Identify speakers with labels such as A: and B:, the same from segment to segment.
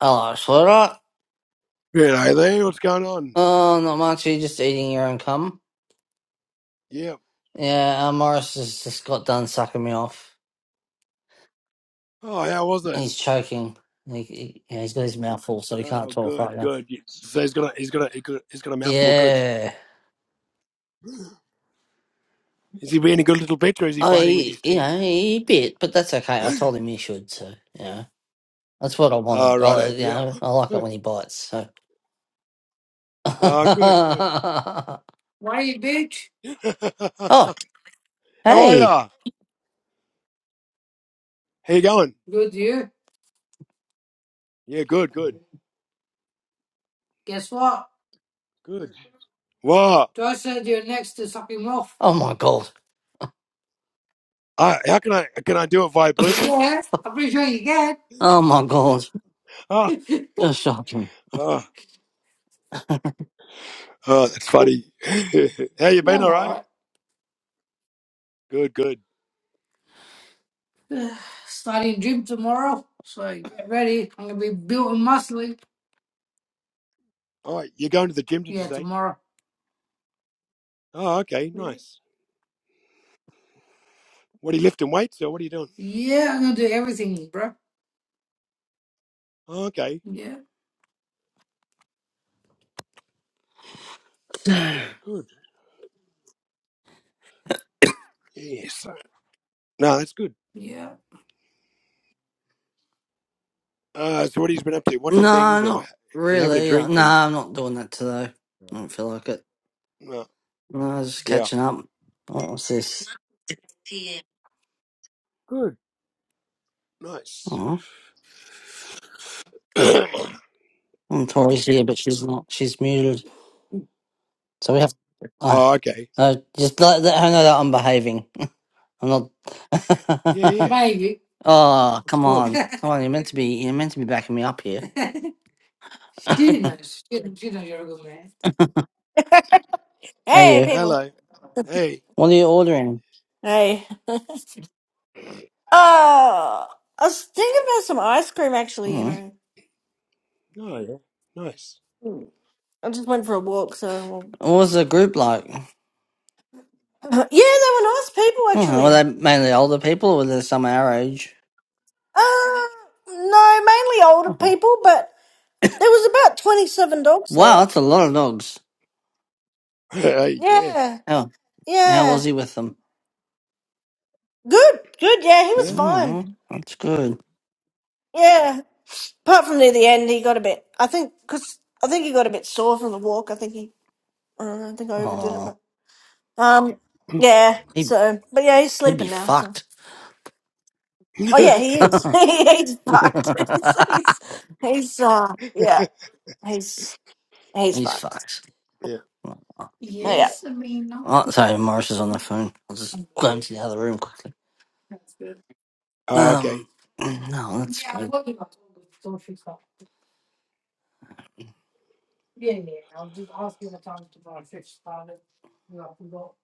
A: Oh, Slurra. Oh, not much. You're just eating your own cum. Yeah, uh, Morris has just got done sucking me off. He's choking. He, he, yeah, he's got his mouth full, so he can't talk right now. Yeah. I, you know, he bit, but that's okay. I told him he should, so, you know. That's what I wanted. I, you know, I like it when he bites, so. Why you bitch? oh, hey. Good you. Guess what? Joyce said you're next to sucking off. Oh, my God. Yeah, I'm pretty sure you can. Oh my gosh, that's shocking. Yeah, I'm all right. Starting gym tomorrow, so get ready. I'm gonna be built and muscly. Yeah, tomorrow. Yeah, yeah, I'm gonna do everything, bro. Yeah, yeah. no, yeah. not really. No, I'm not doing that today. I don't feel like it. No, I was just catching up. What was this? Oh, I'm Tori's here, but she's not. She's muted. So we have. Uh, uh, just let, let her know that I'm behaving. I'm not. Maybe. oh, come on, come on! You're meant to be. You're meant to be backing me up here. she knows. She, she knows you're a good man. hey,
B: Hey,
A: you.
B: people.
A: What are you ordering?
B: Hey. uh, I was thinking about some ice cream, actually, you
A: Hmm.
B: know. Hmm. I just went for a walk, so.
A: What was the group like?
B: yeah, they were nice people,
A: Hmm, Were they
B: actually.
A: mainly older people, or were there some our age?
B: Uh, no, mainly older
A: Hmm.
B: people, but there was about 27 dogs
A: Wow,
B: there.
A: that's a lot of dogs.
B: Yeah,
A: How how
B: yeah.
A: was he with them?
B: Good, good, yeah, he was
A: Hmm.
B: fine.
A: That's good.
B: Yeah. Apart from near the end, he got a bit, I think, because I think he got a bit sore from the walk. I think he, I don't know, I think I overdid it,
A: Oh,
B: Um, yeah.
A: he
B: So, but yeah, he's
A: he'd be
B: sleeping now. So.
A: fucked.
B: Oh yeah, he is. he's fucked. He's he's, he's uh yeah. He's he's
A: He's
B: fucked.
A: fucked.
B: Oh, yeah.
A: Yes, Amina. Oh, sorry, Morris is on the phone. I'll just go into the other room quickly. That's good. Um, no, that's Yeah, I good. love you. So she's up. Yeah, yeah. yeah, I'll just ask you what time tomorrow. Fix started. You have to go.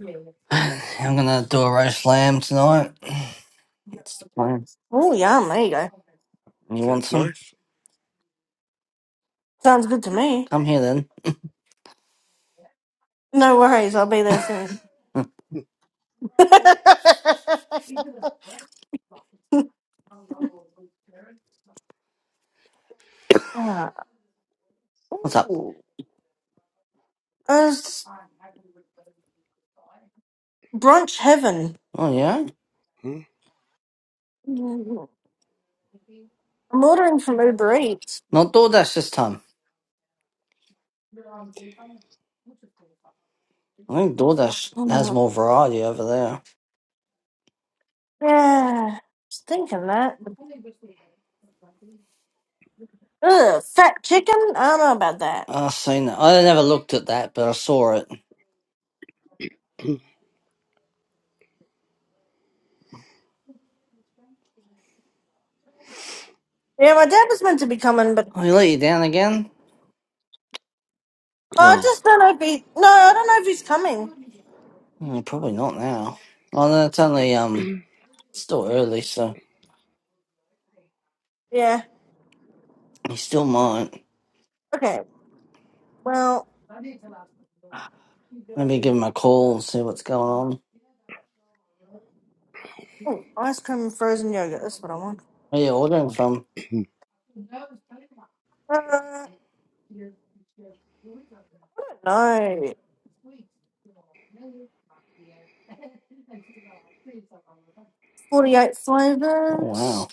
A: Yeah, yeah. I'm gonna do a roast lamb tonight. Yeah, That's the okay. plan.
B: Oh yum. There you go.
A: Okay. You want some?
B: Sounds good to me.
A: Come here then.
B: No worries. I'll be there soon.
A: well, so
B: Ah,
A: What's up?
B: Ooh, uh, brunch heaven.
A: Oh yeah,
B: Mm, I'm ordering from Uber Eats.
A: not DoorDash this time. I think DoorDash has
B: Mm,
A: more variety over there.
B: Yeah, was thinking that. Ugh, fat chicken? I don't know about that.
A: I've seen that. I never looked at that, but I saw it.
B: Yeah, my dad was meant to be coming, but
A: Oh, he let you down again?
B: oh, I just don't know if he. No, I don't know if he's coming.
A: Hmm, probably not now. Oh no, it's only um, it's still early, so
B: Yeah.
A: he still might.
B: Okay. Well,
A: Maybe give him a call and see what's going on.
B: oh, ice cream and frozen yogurt. That's what I want.
A: Where are you ordering from?
B: Uh, I don't know. Forty-eight
A: Oh wow!
B: flavors.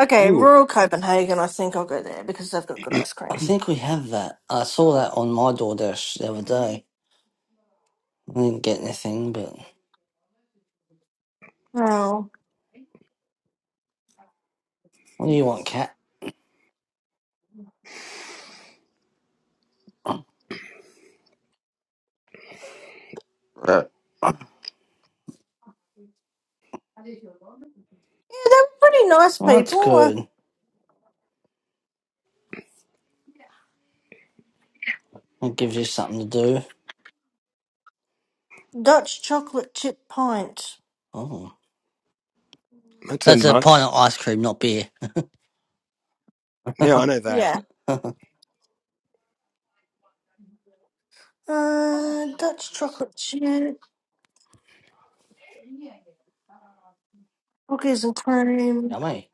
B: Okay, rural Copenhagen. I think I'll go there because they've got good ice cream.
A: I think we have that. I saw that on my DoorDash the other day. I didn't get anything, but
B: Oh,
A: what do you want, cat?
B: yeah, they were pretty nice
A: Well, that's
B: people. Uh,
A: good. It gives you something to do.
B: Dutch chocolate chip pint.
A: Oh, that's a pineapple ice cream, not beer.
B: Yeah. Uh, Dutch chocolate chip cookies and cream.
A: Yummy.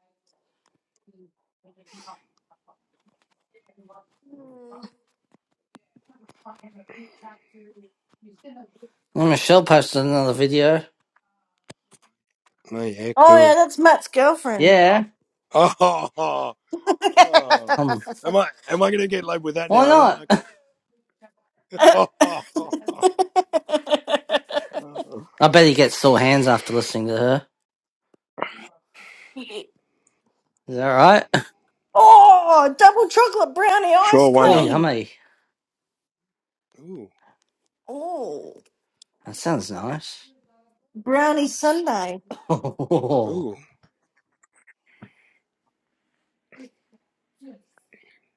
B: Mm.
A: And Michelle posted another video.
B: Oh yeah, that's Matt's girlfriend.
A: Yeah. Um, why not? I bet he gets sore hands after listening to her. Is that right?
B: oh, double chocolate brownie ice
A: Oh,
B: cream.
A: yummy.
B: Oh,
A: That sounds nice.
B: brownie sundae.
A: Oh,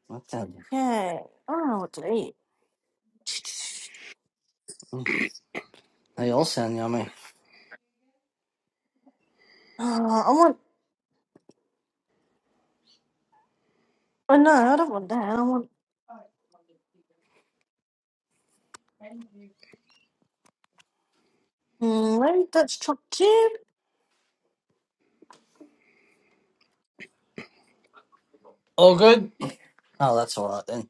A: that sounds.
B: Okay. I don't know what to eat.
A: mm, They all sound yummy.
B: Oh, I want. Oh no, I don't want that. I want mm, maybe Dutch chocolate chip.
A: All good. Oh, that's all right then.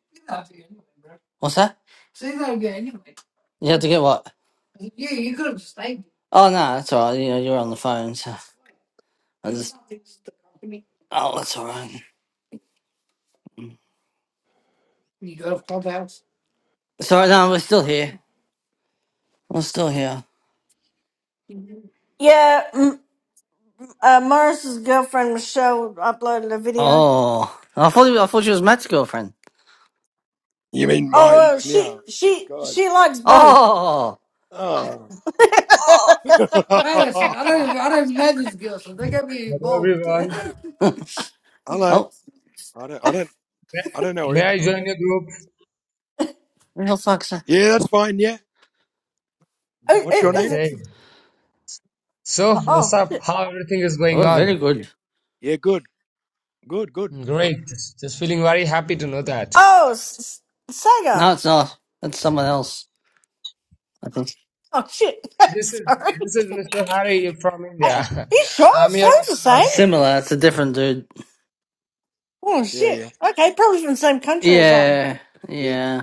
A: What's that? You had to get what? Oh no, that's all right. You know, you're on the phone, so I just. Oh, that's all right. Sorry, no, we're still here. We're still here.
B: Yeah, mm, uh, Morris's girlfriend Michelle uploaded a video.
A: Oh, I thought I thought she was Matt's girlfriend.
B: Oh, well, she she she likes both.
A: Oh,
B: Is
A: Wait a second. I don't even I don't even know these girls, so they got me
C: Hello
A: involved.
C: everyone.
A: oh,
C: May may I join your group?
A: real fuck's sake.
C: Okay.
B: it?
C: So,
B: Oh.
C: what's
B: oh.
C: up? How everything is going
A: Oh,
C: on?
A: very good.
C: Great. Just, just feeling very happy to know that.
B: Oh, S- S-
A: No,
B: Sega.
A: it's not. It's someone else. I think
B: Oh shit.
C: This is
B: Sorry.
C: this is Mr. Hari from India.
B: I, you sure? It
C: I'm here.
B: sounds the
A: it's
C: from
B: same.
C: Shopee.
A: similar. It's a different dude.
B: Oh shit. Okay, probably from the same country or something.
A: Yeah, yeah.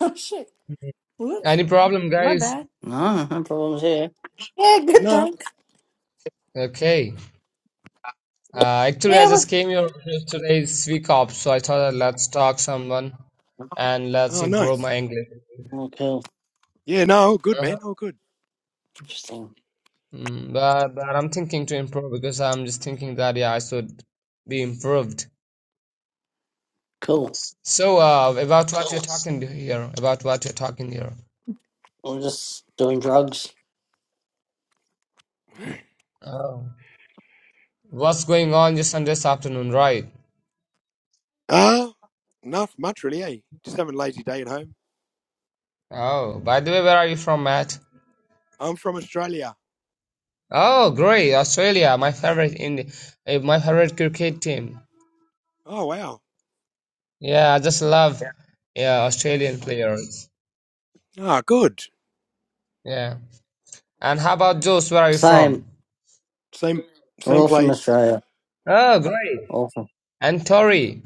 B: Oh shit. Whoops.
C: Any problem,
B: My
C: guys?
B: bad.
A: No, no problems here.
B: Yeah, good thanks.
C: Okay. Uh, actually, I
B: Yeah, we
C: just came here today. It's week off, so I thought that let's talk someone and let's improve my English.
A: Oh, cool.
C: Uh-huh.
A: Interesting.
C: Mm, but but I'm thinking to improve because I'm just thinking that yeah, I should be improved
A: Cool.
C: So, uh, about what you're talking here, about what you're talking here.
A: We're just doing drugs.
C: Oh. What's going on your Sunday's afternoon, right? Oh, by the way, where are you from, Matt? Oh, great, Australia, my favorite in uh, my favorite cricket team. Yeah, I just love yeah, Australian players. Yeah. And how about Joe's? Where are you from?
A: Same. We're all from Australia.
C: Oh, great.
A: All from
C: And Tori,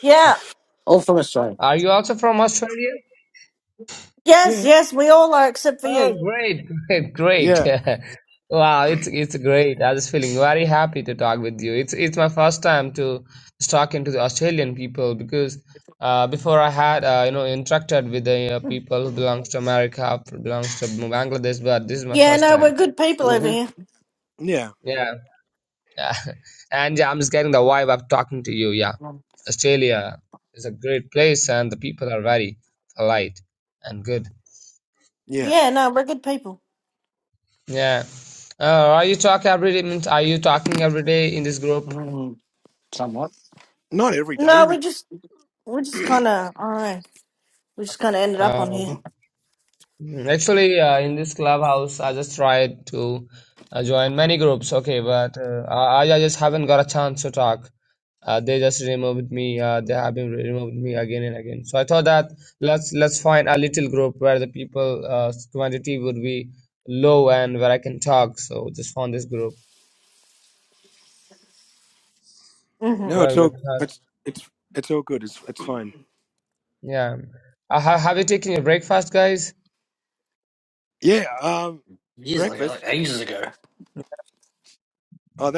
B: yeah.
A: all from Australia.
C: are you also from Australia?
B: Yes, yes, we all are except for
C: Oh,
B: you.
C: great, great, great. Wow, it's it's great. I was feeling very happy to talk with you. It's it's my first time to talking to the Australian people because uh, before I had uh, you know interacted with the uh, people who belongs to America, belongs to Bangladesh, but this is my
B: Yeah,
C: first
B: no, we're
C: time.
B: good people over
A: Mm-hmm.
B: here.
C: Yeah, yeah, and yeah, I'm just getting the vibe of talking to you. Yeah, Australia is a great place, and the people are very polite and good.
B: Yeah, no, we're good people.
C: Yeah. Uh, are you talk every day? Means are you talking every day in this group?
A: Mm, somewhat.
B: No, we just we just kind of I don't know. We just kind of ended up
C: Uh,
B: on here.
C: mm, actually, uh, in this clubhouse, I just tried to uh, join many groups. Okay, but uh, I, I just haven't got a chance to talk. Uh, they just removed me. Uh, they have been removed me again and again. So I thought that let's let's find a little group where the people uh, quantity would be low and where I can talk. So just found this group.
B: Mm-hmm.
C: Well, that's, uh, yeah. Uh, ha- have you taken your breakfast, guys?
A: Years ago, like ages ago.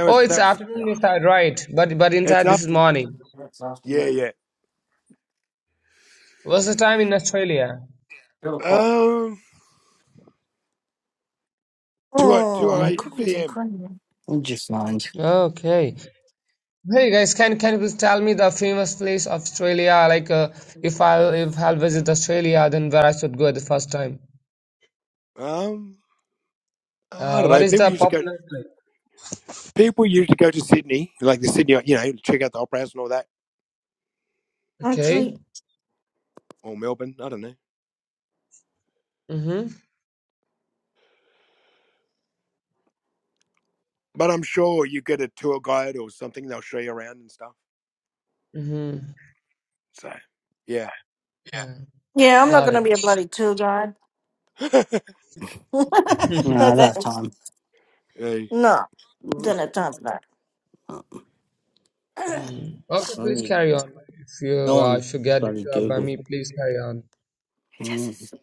C: Oh, it's afternoon inside, right? But but inside this is morning.
A: That's afternoon.
C: What's the time in Australia?
A: Two o'clock.
C: hmm
B: Oh, cookies and cream.
A: Would you mind?
C: Okay. Hey guys, can can you please tell me the famous place of Australia? Like, uh, if I'll if I'll visit Australia, then where I should go the first time? Uh, what is the popular place? Okay.
B: Actually,
C: Mm-hmm. Mm-hmm. Yeah.
B: yeah, I'm not
C: Got
B: going to
C: it.
B: be a bloody tour guide.
A: You know, at
B: okay.
A: that time.
B: No,
A: Mm.
B: done it time for that.
C: Mhm. Okay,
A: Well,
C: please
A: you
C: carry on. If you
A: go
C: uh,
A: on
C: if you get
A: bloody
C: disturbed by
A: Google.
C: me, please carry on.
A: Mm.
B: Jesus.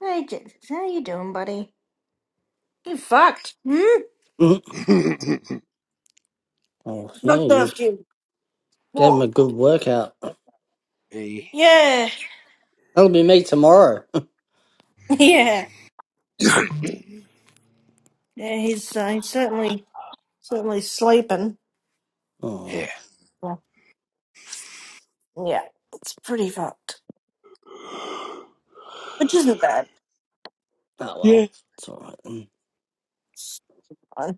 B: Hey, Jesus. How you doing, buddy? You fucked. Hmm?
A: Mm. Oh, yeah,
B: Fucked
A: you
B: off you.
A: gave him a
B: Well,
A: good workout.
B: yeah.
A: That'll be me tomorrow. oh,
B: Yeah. Yeah, he's, uh, he's certainly, certainly sleeping.
A: oh
B: Yeah. yeah. It's pretty fucked. Which isn't bad.
A: well. It's all right then.
B: Fine.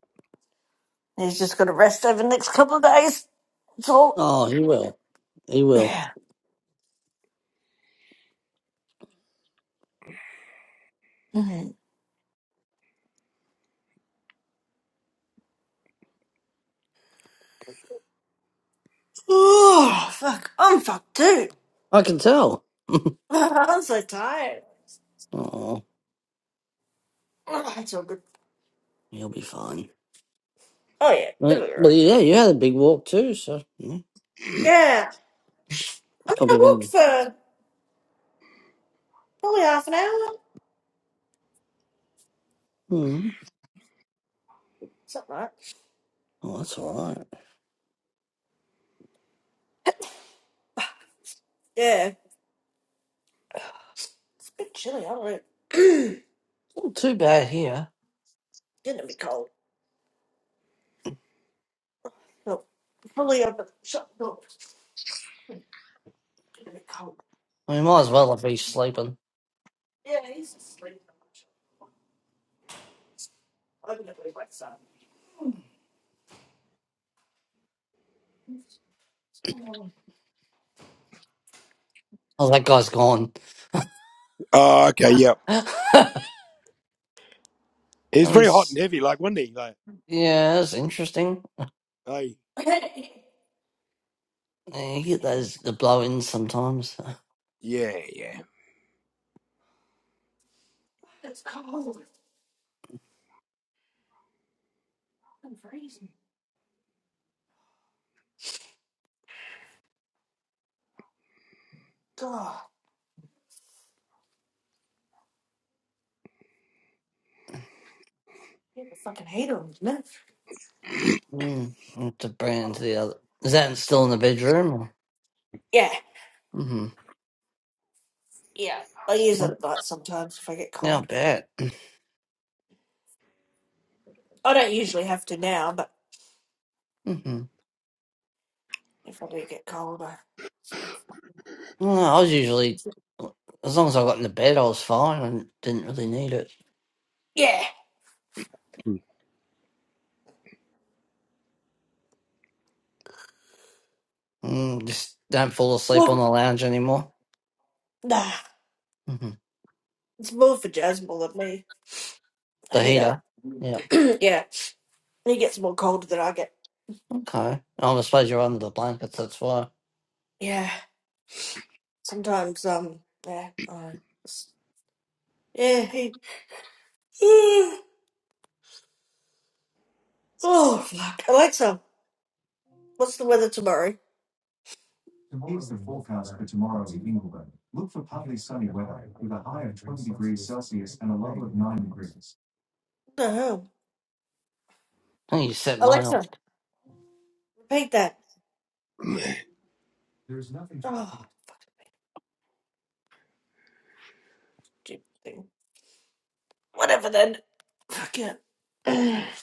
B: He's just going to rest over the next couple of days. It's all.
A: Oh, he will. He will.
B: Yeah. Mhm. Oh, fuck. I'm fucked too.
A: I can tell.
B: I'm so tired.
A: Oh,
B: Oh, it's all good.
A: he'll be fine.
B: Oh, yeah. It'll
A: Right.
B: be alright.
A: Well, yeah, you had a big walk too, so mm,
B: Yeah. I
A: it's
B: mean, I
A: probably
B: walked
A: been.
B: for probably half an hour,
A: Mm.
B: something like that.
A: Oh, that's all right.
B: Yeah. It's a bit chilly, I don't know.
A: Not too bad here.
B: Getting a bit cold. Look, probably over shut the door. Getting a bit cold.
A: We might as
B: Oh,
A: well have been sleeping.
B: yeah, he's asleep. I'm going to leave my son. It's it's cold.
A: Oh, that guy's gone.
B: Come
A: that was yeah, that's interesting.
B: on.
A: Yeah, You get those the blow-ins sometimes.
B: it's cold. I'm freezing. God, you have a fucking heater on, isn't it?
A: Mm, you have to bring it into
B: Oh.
A: the other. Is that still in the bedroom? Or?
B: Yeah,
A: Mm-hmm.
B: yeah. I use it
A: Oh,
B: at night sometimes if I get
A: yeah, I
B: cold.
A: bet.
B: I don't usually have to now, but.
A: Mm-hmm.
B: If I do get cold, I sort
A: No, I was usually
B: of.
A: as long as I got into bed, I was fine. I didn't really need it.
B: Yeah.
A: Mm, just don't fall asleep on
B: Well,
A: the lounge anymore.
B: nah.
A: hmm
B: It's more for Jasmine than me. I
A: The
B: heat up.
A: heater. Yeah.
B: yeah. He gets more colder than I get.
A: Okay. Oh, I suppose you're under the blankets. That's why.
B: Yeah. Sometimes, um, yeah. I Yeah, he. oh, fuck. Alexa, what's the weather tomorrow? What the hell?
A: I think you set mine off.
B: Alexa, repeat that. Oh, stupid thing. Whatever then. Fuck it.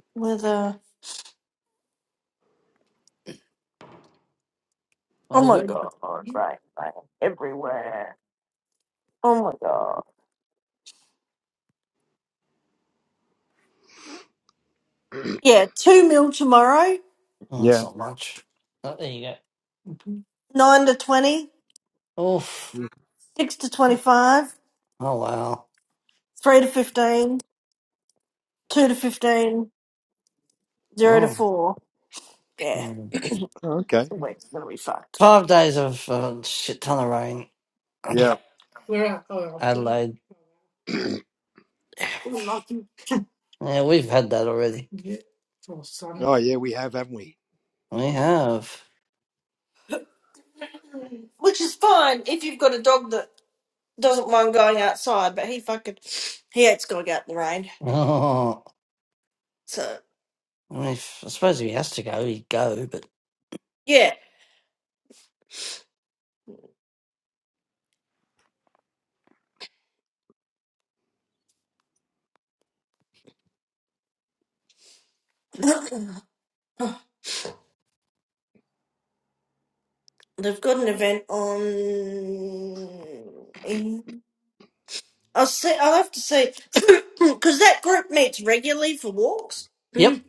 B: Weather. Oh
A: All
B: my
A: good.
B: God. Right, right. Everywhere. Oh my God. Yeah, 2 mil tomorrow,
A: Oh, that's not much. Oh, there you go.
B: 9 to 20,
A: Oof.
B: 6 to 25,
A: Oh, wow.
B: 3 to 15, 2 to 15, 0 to
A: Oh.
B: 4. Yeah,
A: mm.
B: the week's going to be fucked.
A: Five days of uh, shit ton of rain.
B: Yep.
A: We're at, oh, i Adelaide. we're lucky. Yeah, we've had that already. Yeah. Oh, sunny. We have.
B: Which is fine if you've got a dog that doesn't mind going outside, but he fucking, he hates going out in the rain.
A: Oh,
B: So,
A: I, mean, if- I suppose if he has to go, he'd go, but.
B: yeah. They've got an event on. in. I'll say I'll have to see because that group meets regularly for walks.
A: Yep.
B: Mm.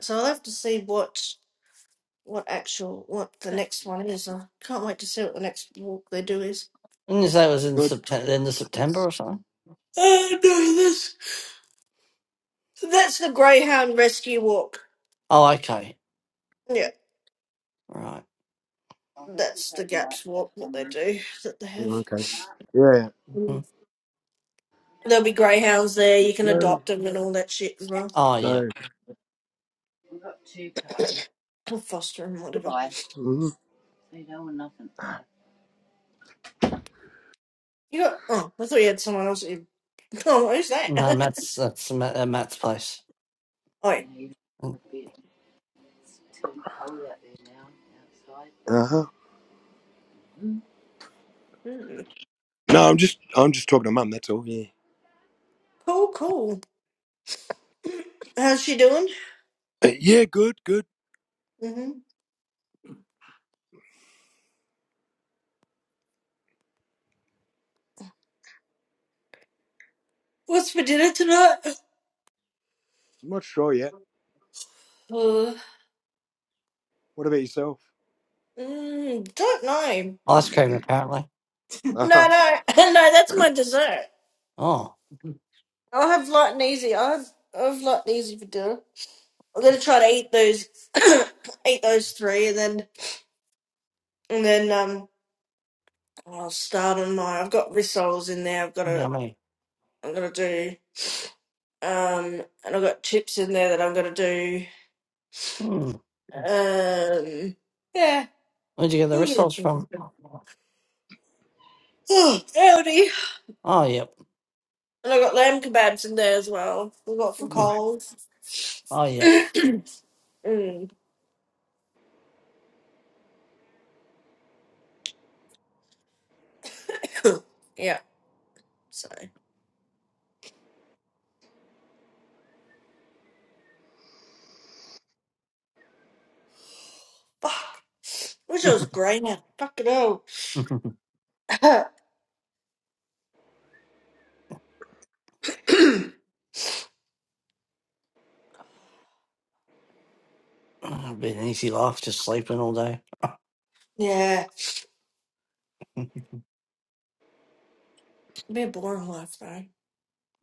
B: So I'll have to see what what actual what the next one is. I can't wait to see what the next walk they do is.
A: Didn't you say it was in September, end of September or something?
B: Oh no, this that's the Greyhound Rescue Walk.
A: Oh, okay.
B: Yeah,
A: Right.
B: that's the Gaps Walk that they do that they have.
A: Mm.
B: Mm. There'll be greyhounds there. You can adopt them and all that shit as well,
A: Oh, yeah.
B: or foster them, whatever. You got? Oh, I thought you had someone else. You, oh, who's that?
A: No, Matt's that's Ma- uh, Matt's place.
B: oh, yeah.
A: Mm.
B: Mm. cool, cool. How's she doing? hmm What's for dinner tonight? Uh, mm, don't know.
A: Ice cream, apparently.
B: No, no, no. That's my dessert.
A: Oh, Mhm.
B: I'll have light and easy. I'll have, I'll have light and easy for dinner. I'm gonna try to eat those, eat those three, and then and then um, I'll start on my. I've got rissoles in there. I've got to.
A: yummy.
B: I'm gonna do um, and I've got chips in there that I'm gonna do
A: Mm.
B: um, yeah.
A: Where'd you get the
B: I'm gonna
A: rissoles
B: do.
A: from?
B: Oh,
A: Oh, yep.
B: And I got lamb kebabs in there as well. We got from
A: Mhm.
B: Coles.
A: Oh, yep.
B: Mm. yeah, so. Fuck. Wish I was a grainer. Fuck it all.
A: It'd be an easy life, just sleeping all day.
B: yeah.
A: Mm.
B: It'd be a boring life though.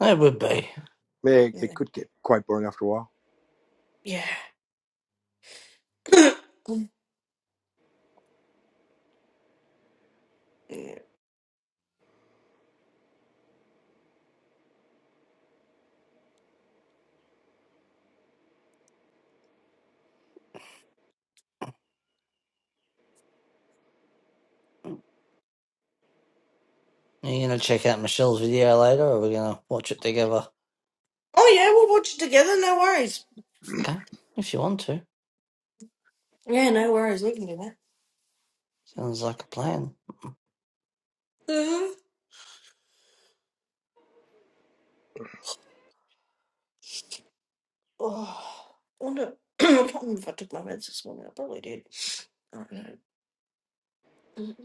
A: It would be.
B: Mm. Yeah. Mm.
A: Are you gonna check out Michelle's video later, or are we gonna watch it together?
B: oh yeah, we'll watch it together, no worries.
A: Okay, if you want to.
B: Yeah, no worries, we can do that.
A: Sounds like a plan.
B: hmm Oh, I wonder I can't remember if I took my meds this morning. I probably did. I don't know.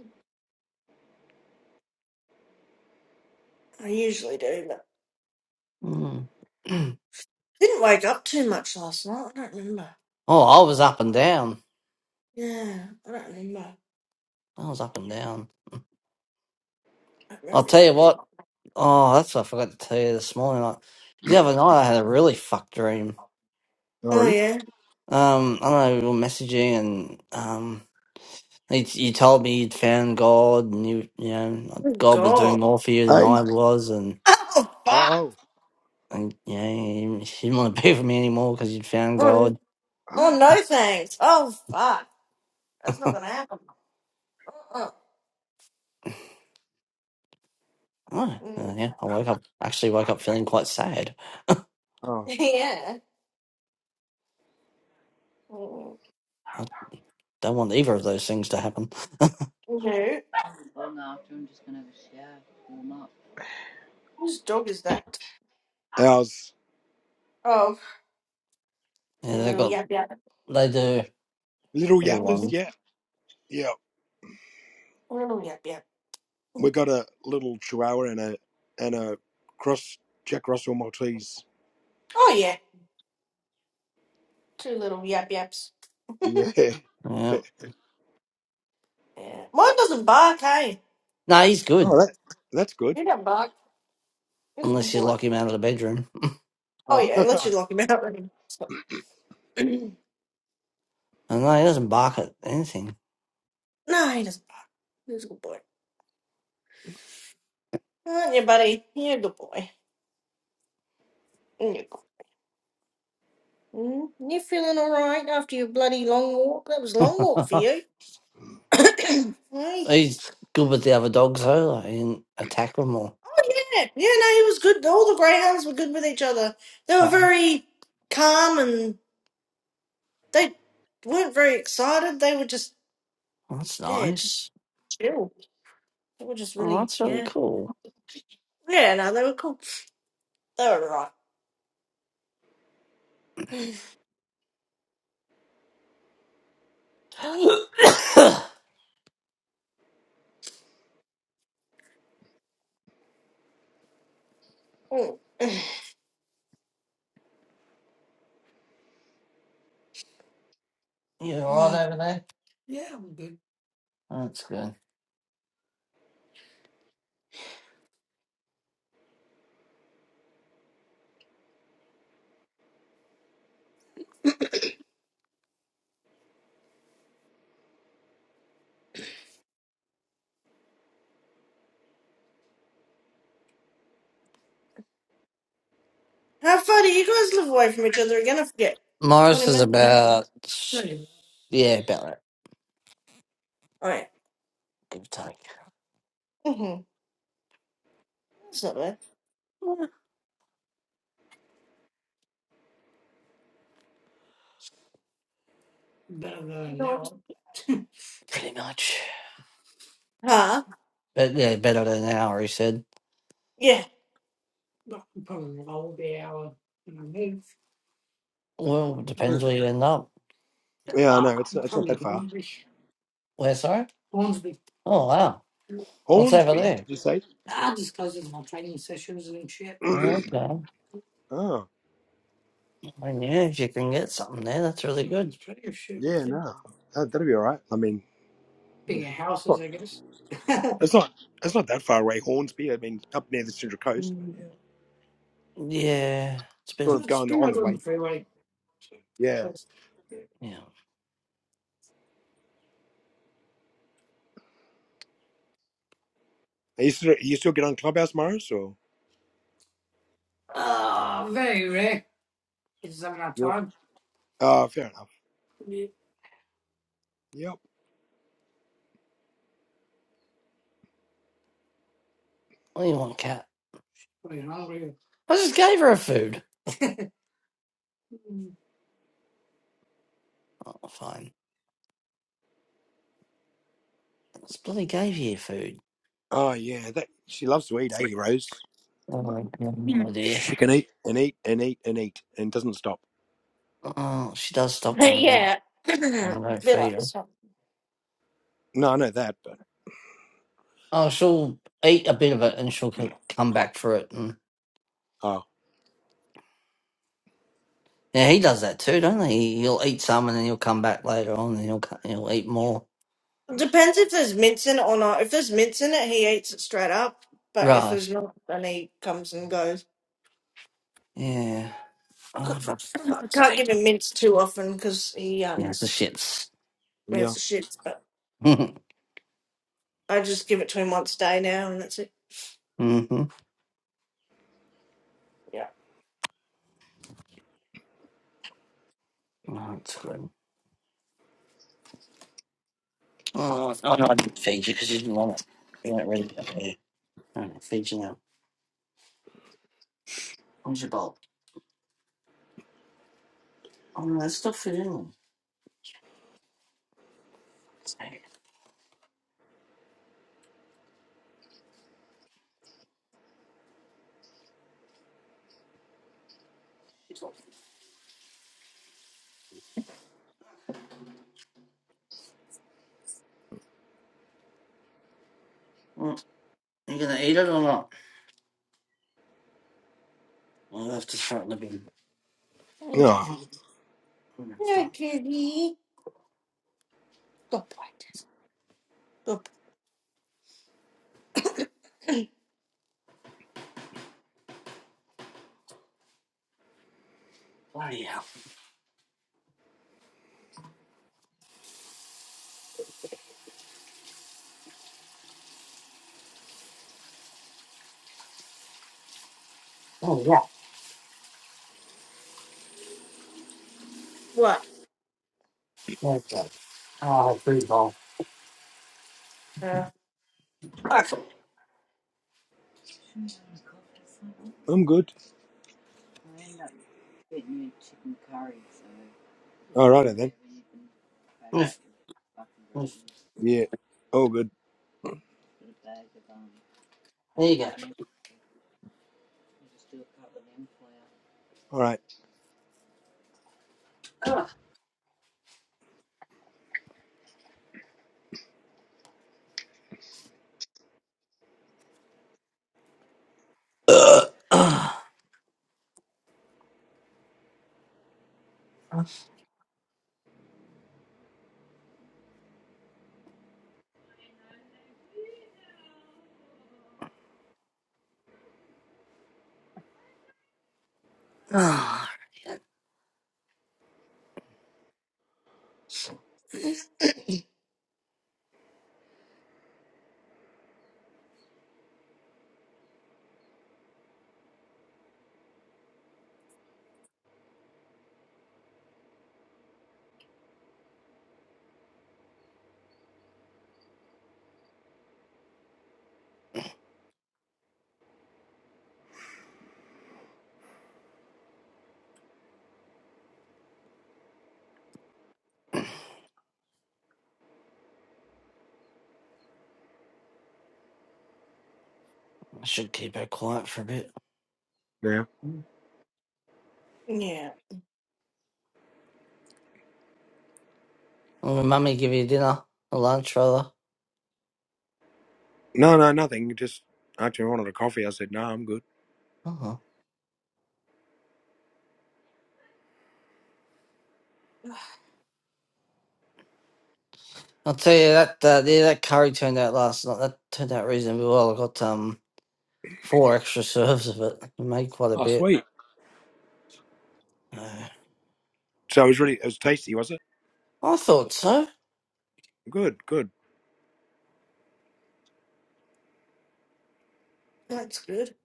B: I usually do, but
A: Mm.
B: didn't wake up too much last night. I don't remember.
A: oh, I was up and down.
B: Yeah, I don't remember. I
A: I was up and down.
B: don't
A: I'll
B: remember if
A: tell
B: I
A: you
B: did.
A: what. Oh, that's what I forgot to tell you this morning. I, the other night I had a really fucked dream.
B: Oh yeah.
A: Um, I don't know, we were messaging and um, you, you told me you'd found God and you, you know, God was doing
B: God.
A: more for you than I was and,
B: Oh fuck.
A: and you know, you didn't want to be with me anymore because you'd found
B: Oh,
A: God.
B: oh no, thanks. Oh fuck. That's not gonna happen. Uh-uh.
A: Oh,
B: Mm.
A: uh, yeah, I woke up, actually woke up feeling quite sad.
B: yeah. Mm.
A: I don't want either of those things to happen.
B: No. Whose dog is that? Oh,
A: Yeah,
B: your
A: they
B: little
A: got,
B: yap yap.
A: they do,
B: Mhm.
A: everyone's.
B: Little yap yap. Oh yeah. Two little yap yaps.
A: Yeah.
B: Yeah. Mine doesn't bark. Hey,
A: No, he's good,
B: he doesn't bark. He's a good
A: unless you
B: boy.
A: lock him out of the bedroom.
B: Oh yeah, unless you lock him out. no,
A: And no, he doesn't bark at anything.
B: he doesn't bark. He's a good boy. Aren't you, buddy? You're a good boy. You're good. Mm, You feeling all right after your bloody long walk? That was a long walk for you. hey. Oh
A: He's good with the other dogs though. Like, he can attack them or.
B: yeah, yeah. No, he was good. All the greyhounds were good with each other. They were
A: Oh,
B: very calm and they weren't very excited. They were just
A: that's
B: yeah, just
A: nice.
B: chill. They were just
A: Oh,
B: really
A: that's really
B: yeah,
A: cool.
B: yeah. No, they were cool. They were all right.
A: you
B: Mm. Oh.
A: all
B: ah.
A: right over there? Yeah, I'm good. That's good.
B: How far do you guys live away from each other again? I forget. Twenty
A: Morris is
B: minutes.
A: about Same. yeah, about that.
B: All right.
A: Give or take.
B: Mm-hmm. That's not bad.
A: Yeah, better than an hour. Pretty much.
B: Huh?
A: But yeah, better than an hour. He said.
B: Yeah.
A: Well, probably roll the hour and a half. Well, it depends where you end up. Ah, I'm from Hornsby. Where, sorry? Hornsby. Oh, wow. What's over there? I just goes into my training sessions and shit. Okay. I knew if you can get something there, that's really good. There's plenty shit up there. Bigger houses, I guess. Mm, Yeah, it's been, it Good spirit on the freeway. So, Close. yeah. Ah, very rare. It's having our time. Yeah. What do you want, cat? Pretty hungry. I just gave her a food. Mm. Oh, fine. This bloody gave you food. Oh, my God, Yeah. no idea. Oh, she does stop when I don't
B: yeah. Be
A: when I don't feed
B: like
A: her.
B: this one.
A: Oh, she'll eat a bit of it and she'll c- come back for it. And yeah, he does that too, don't he? He'll eat some and then he'll come back later on and he'll co- he'll eat more.
B: Depends if there's mints in it or not. If there's mints in it, he eats it straight up. But if
A: Right?
B: there's not, then he comes and goes.
A: Yeah. Oh, for
B: I
A: fuck's
B: can't
A: sake!
B: give him mints too often because he um
A: Yes, the shits.
B: has the shits. But
A: mm-hmm.
B: I just give it to him once a day now, and that's it.
A: Oh,
B: Yeah.
A: it's good. Oh, oh no, I didn't feed you because you didn't want it. You weren't ready. Okay. All right, feed you now. Where's your bowl? Oh no, that's still food in. them. Mm, You gonna eat it or not? I'll have to start living.
B: Hey, Jesse.
A: I'm gonna
B: Yeah,
A: stop.
B: kitty. Good boy, Jesse. Good boy.
A: Bloody hell. Oh, yeah.
B: What?
A: There you go. Oh, free ball.
B: Uh,
A: Okay. Oof, oof. There you go. Ugh. Ugh. Ugh. Ah, yeah. I should keep her quiet for a bit.
B: yeah,
A: Will mummy give you dinner or lunch, rather? Uh-huh. I'll tell you that uh, yeah, that curry turned out last night. That turned out reasonably well. I got um four extra serves of it. I made quite a bit. Uh, I thought so.
B: that's good.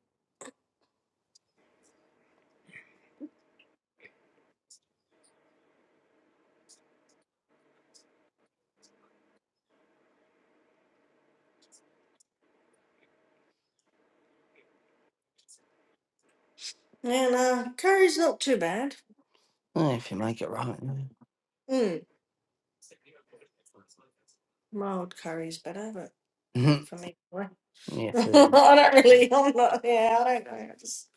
B: And uh, curry's not too bad.
A: Eh, if you make it right.
B: Mm, mild curry's better,
A: Yeah.
B: for me. I
A: yes, it is.
B: don't
A: Yeah.
B: really. I'm not. Yeah, I don't know. I just.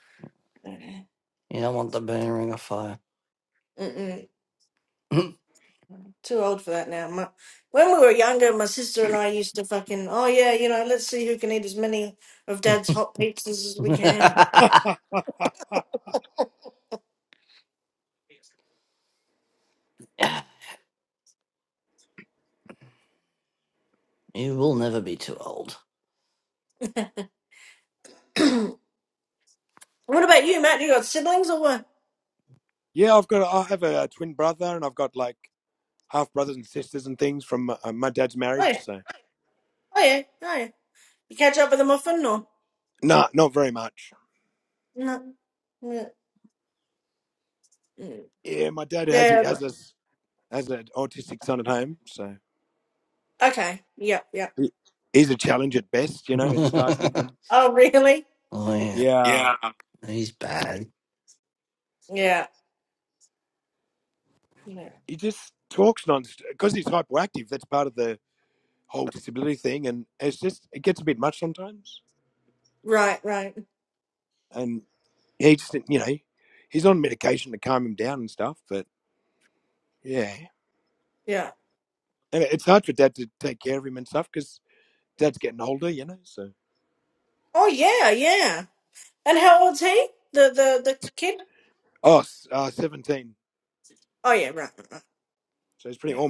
B: I don't know.
A: You don't want the burning ring of fire.
B: Mm-mm.
A: you
B: Too old for that now. My, when we were younger, my sister and I used to fucking. Oh yeah, you know. Let's see who can eat as many of Dad's hot pizzas as we can.
A: will never be too old.
B: what about you, Matt? You got siblings or what? Oh yeah. Oh yeah. Oh yeah. You catch up with them often or no? Yeah. Yeah. but- Okay. Yep. Yep.
A: oh,
B: Oh really?
A: yeah. Yeah. He's bad.
B: Yeah. Yeah. Right. Right. Yeah. Oh yeah. Yeah. And how old's he? The the the kid? Oh yeah, right, right, right. Yeah.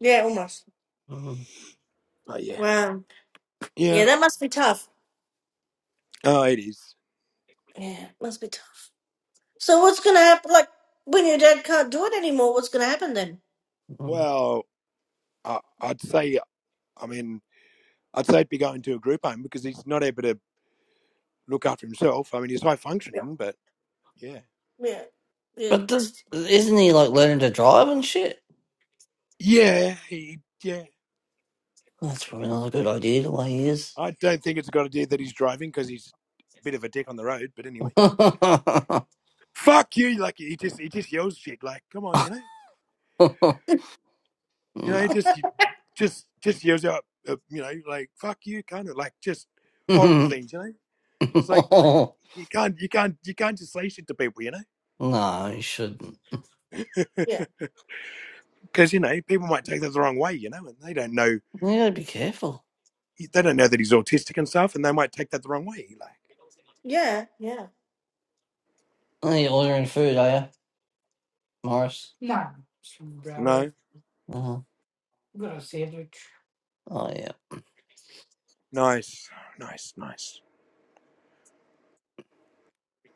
B: Yeah, almost. Wow. Yeah, that must be tough. Yeah, must be tough. So what's gonna happen like when your dad can't do it anymore, what's gonna happen then?
A: Mhm.
B: Yeah. Yeah. Yeah.
A: But does isn't he like learning to drive and shit? That's probably not a good idea the way he is. no. no, he shouldn't.
B: Yeah.
A: You gotta be careful.
B: Yeah. Yeah.
A: Oh, You're ordering food, are you? Morris. No, some barely Uh-huh. got a sandwich. Oh yeah.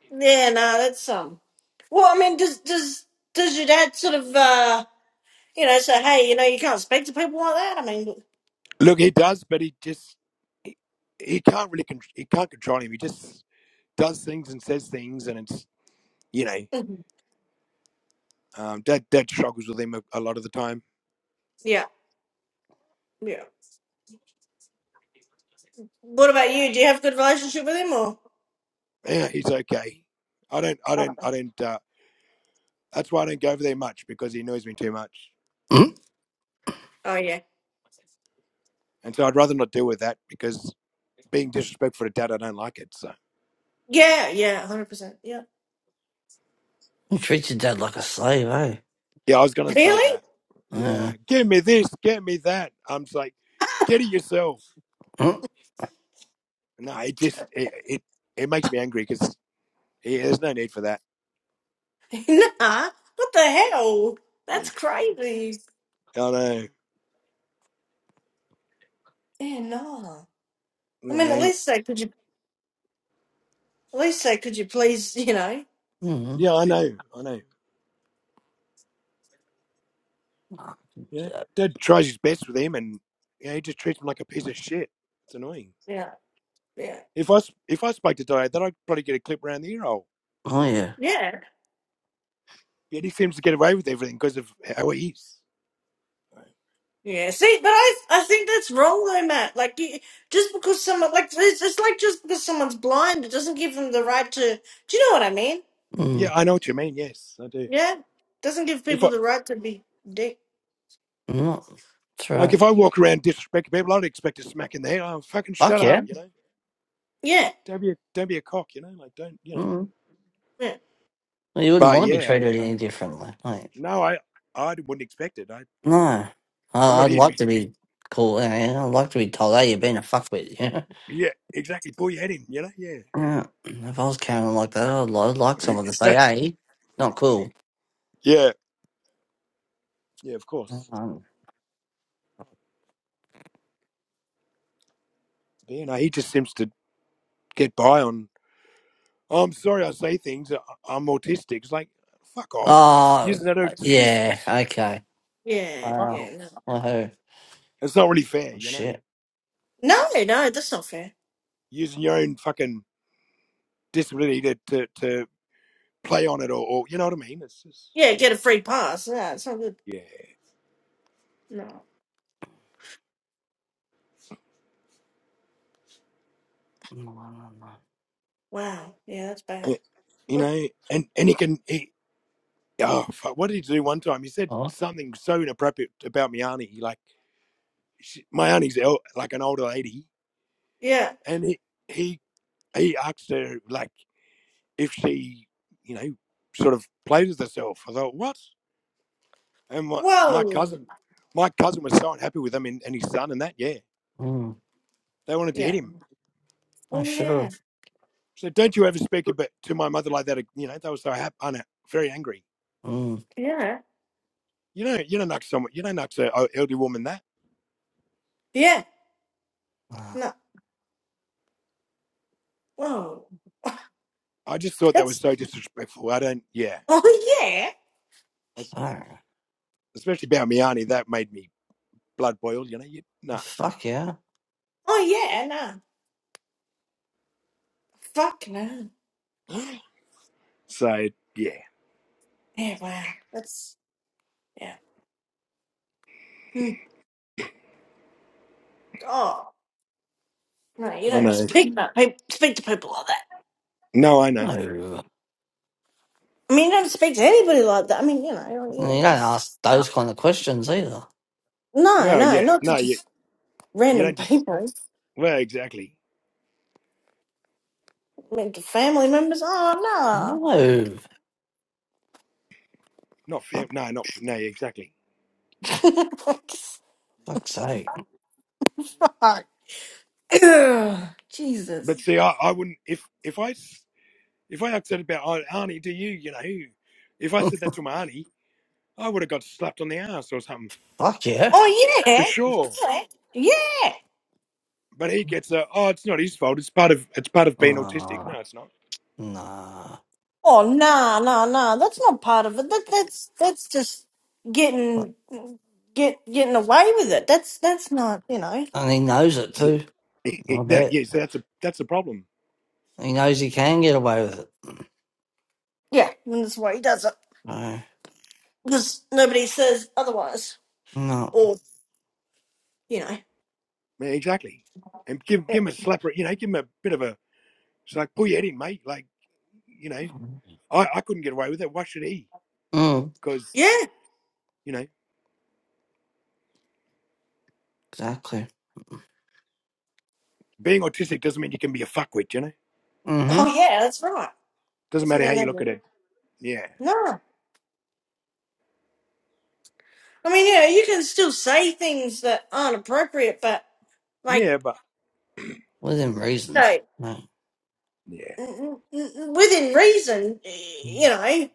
B: Yeah, no, that's um. Well, I mean, does does does your dad sort of uh, you know, say, hey, you know, you can't speak to people like that? I mean, Mhm. yeah, yeah. What about you? Do you have a good relationship with him or? Oh,
A: Mm?
B: oh yeah, yeah, yeah, hundred percent, yeah.
A: You treat your dad like a slave, eh?
B: Really?
A: Yeah. Mm?
B: nah. What the hell? That's crazy. Yeah, nah. I mean, at least say, could you? At least say, could you please? You know.
A: Mm.
B: Yeah, yeah,
A: Oh yeah.
B: yeah. Yeah, see, but I I think that's wrong though, Matt. Like, you, just because someone like it's, it's like just because someone's blind, it doesn't give them the right to. Do you know what I mean?
A: Mm.
B: Yeah, doesn't give people the right to be dick.
A: Mm. That's right. Fuck yeah.
B: Yeah,
A: Mm.
B: yeah,
A: Well, you wouldn't want to be treated any differently. Like, no. I I'd like to be cool. Yeah, yeah. I'd like to be told, hey, you're being a fuckwit. Yeah. yeah. If I was carrying on like that, I'd, li- I'd like someone to say, hey, not cool. Um, oh, yeah. Okay.
B: yeah,
A: Wow.
B: yeah.
A: Well, hey. Oh, shit.
B: No, no, no, that's not fair. Yeah, get a free pass. Yeah, it's so good. No.
A: Mm,
B: Wow. Yeah, that's bad.
A: Oh,
B: Yeah. Whoa.
A: mm.
B: Yeah.
A: I
B: Oh
A: should
B: yeah.
A: have. Mm.
B: Yeah. Yeah.
A: Oh,
B: No. Whoa. That's. Oh yeah.
A: fuck. Fuck yeah.
B: Oh yeah. No. Fuck no. Yeah. Wow. That's. Yeah. Mm. Oh no. You don't speak about people. Speak to people like that.
A: No. You
B: I mean, you don't speak to anybody like that. I mean, you know.
A: don't
B: Yeah, it's,
A: ask those kind of questions either.
B: no. No. Not to just random people. I mean, to family members. Oh
A: No. Fuck,
B: no.
A: fuck's sake.
B: Fuck. Ugh, Jesus.
A: Fuck yeah.
B: Oh yeah. Yeah. Yeah.
A: Oh, nah.
B: Oh nah nah nah. That's not part of it. That that's that's just
A: But-
B: getting get getting away with it. That's that's not you know.
A: And he knows it too. I bet. He knows he can get away with it.
B: Yeah. And that's why he does it.
A: No.
B: Because nobody says otherwise.
A: No.
B: Or you know. Yeah.
A: Mm,
B: Yeah.
A: exactly. Mm hmm.
B: Oh yeah, that's right. Doesn't mean that No. I mean, yeah, you can still say things that aren't appropriate, but like
A: Within reason.
B: hey,
A: No.
B: N- n- n- within reason,
A: Mm.
B: you know.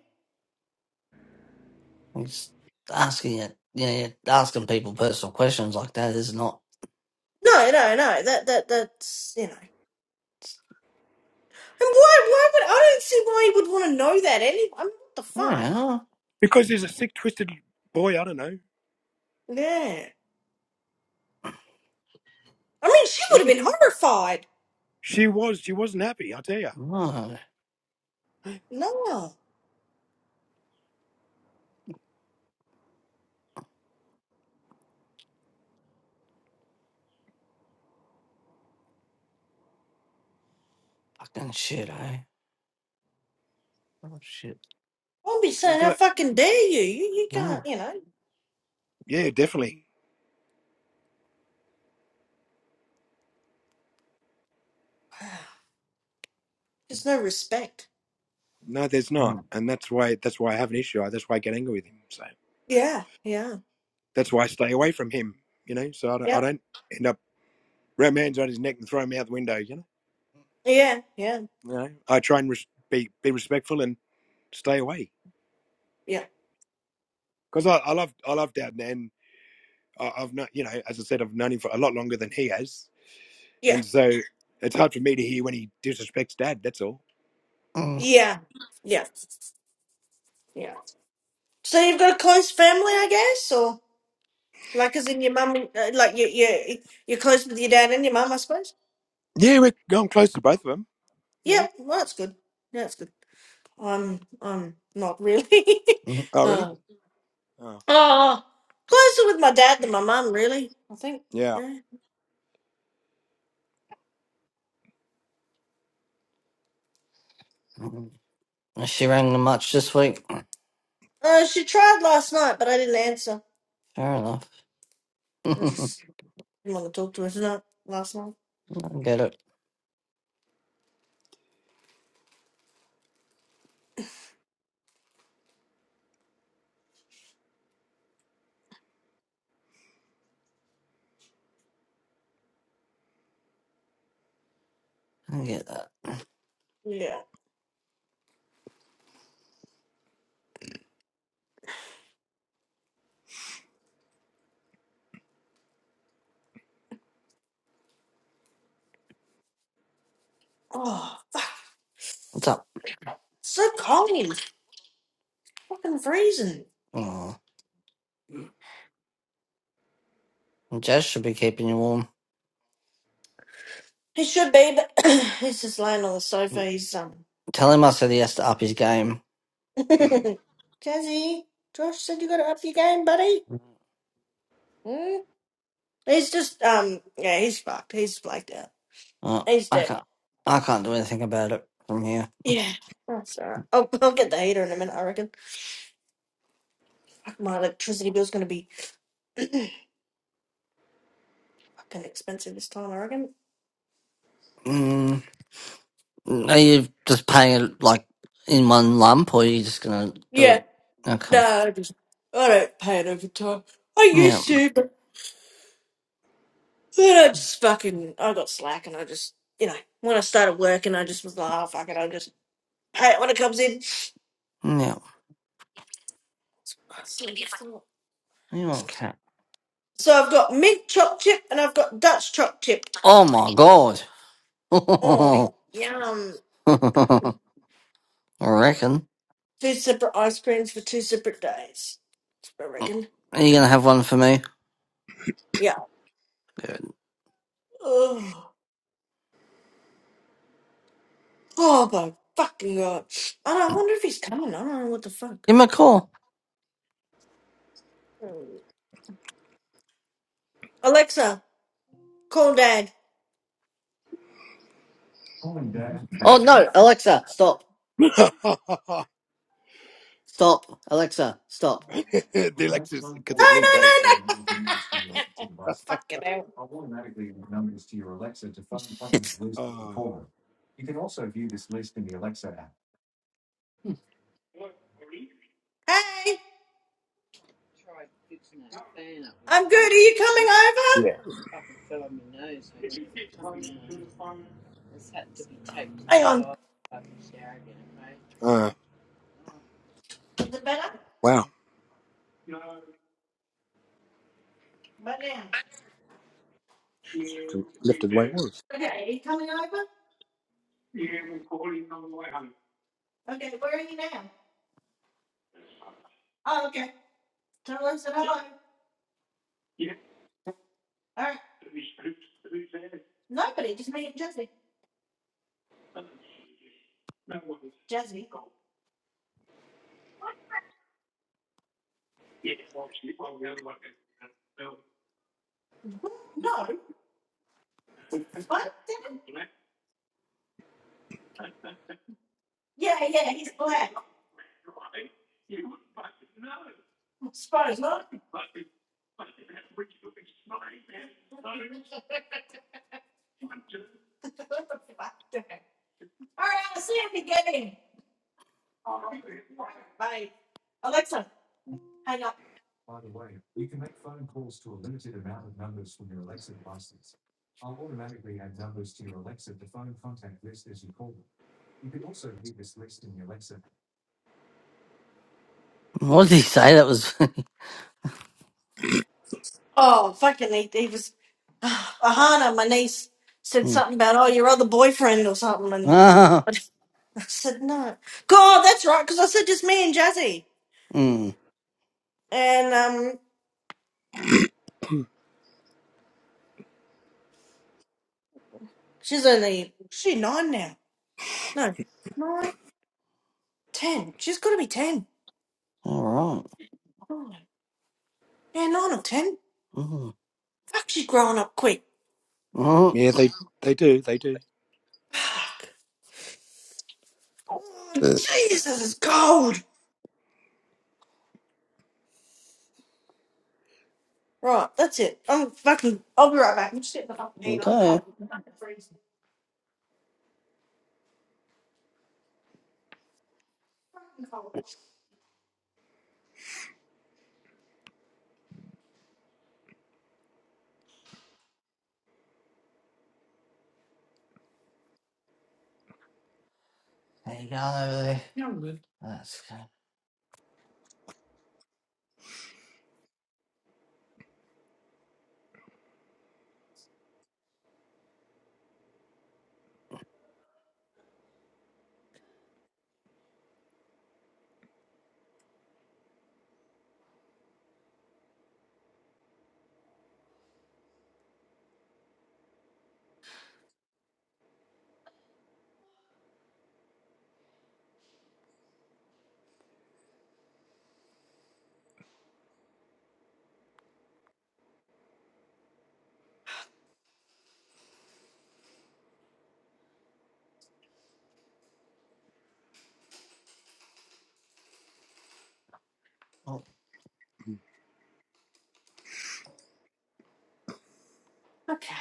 A: i just asking it. You know, asking people personal questions like that is not.
B: No, no, no. That that that's you know. And why? Why would I don't see why he would want to know that anyway. I mean, what the
A: Oh,
B: fuck?
A: yeah.
B: Yeah. I mean, she would have been horrified.
A: oh
B: No,
A: fucking shit, eh? Oh shit.
B: I'll be saying, "How fucking dare you? You you
A: Oh.
B: can't, you know." Wow. There's no respect.
A: Mm,
B: Yeah. Yeah. Yep. Yeah. Yeah. Yeah. Yeah.
A: mm,
B: Yeah. Yeah. Yeah. So you've got a close family, I guess, or. Like as in your mum, and- uh, like you you you're close with your dad and your mum, I suppose. Yeah, well, that's good. Yeah, that's good. I'm I'm not really.
A: mm,
B: uh, oh, closer with my dad than my mum, really. I think. Yeah.
A: mm. Is She rang them much this week.
B: Uh, she tried last night, but I didn't answer.
A: Fair enough.
B: I
A: I
B: just didn't want to talk to her tonight. Last night.
A: get it. I get that.
B: Yeah. Oh,
A: What's up?
B: it's so cold. It's Fucking freezing.
A: Oh, Jazz should be keeping you warm.
B: He should be, but he's just laying on the sofa. He's um.
A: Tell him I said he has to up his game.
B: Jazzy, Josh said you got to up your game, buddy. Mm, He's just um yeah, he's fucked. He's blacked out.
A: Uh,
B: He's
A: I
B: dead.
A: can't. I can't do anything about it from here.
B: Yeah. That's alright. I'll, I'll get the heater in a minute, I reckon. Fuck, my electricity bill's gonna be fucking expensive this time, I reckon.
A: Mm. Are you just paying it like in one lump, or are you just gonna do it?
B: Yeah.
A: Okay.
B: No, I just I don't pay it over time. I
A: Yeah.
B: used to, but then I just fucking I got slack and I just you know, when I started working I just was like, oh fuck it, I'll just pay it when it comes in.
A: Yeah. You want cat?
B: So I've got mint choc chip and I've got Dutch choc chip.
A: Oh my god.
B: Oh yum.
A: I reckon.
B: Two separate ice creams for two separate days. I reckon.
A: Are you gonna have one for me?
B: Yeah. Oh, oh my fucking god. And I wonder if he's coming. I don't know what the fuck.
A: Give me a call.
B: Mm. Alexa, call dad.
A: Oh no, Alexa, stop. Stop. Alexa, stop.
B: No, no, no, no. fucking hell.
A: Shit.
B: Hey, I'm good. Are you coming over? Hang on. Is it better? Right now. Okay, are you coming over? Okay, where are you now? Oh, okay. Tell her I said hello. All right. Nobody, just me and Jazzy. Jazzy. What? No. What? Yeah, yeah, he's black. Spot is not All right, I'll see you at the game. Bye. Alexa, hang up.
A: What did he say? That was.
B: Oh, fucking they, they was Ahana, my niece, said
A: Mm.
B: something about oh your other boyfriend or something, and
A: ah.
B: I just- I said no. God, that's right, because I said just me and Jazzy,
A: Mm.
B: and um, she's only she nine now. No, nine, ten. She's got to be ten.
A: All right.
B: Oh, yeah, nine or ten.
A: Mm.
B: Fuck, she's growing up quick.
A: Mm.
B: Oh, Jesus, it's cold. Right, that's it. I'm fucking. I'll be right back. I'm just getting the fucking heater. I'm
A: Okay.
B: cold. I'm fucking freezing. Fucking cold.
A: There you go over there. Yeah, I'm good. That's good. Oh,
B: Okay,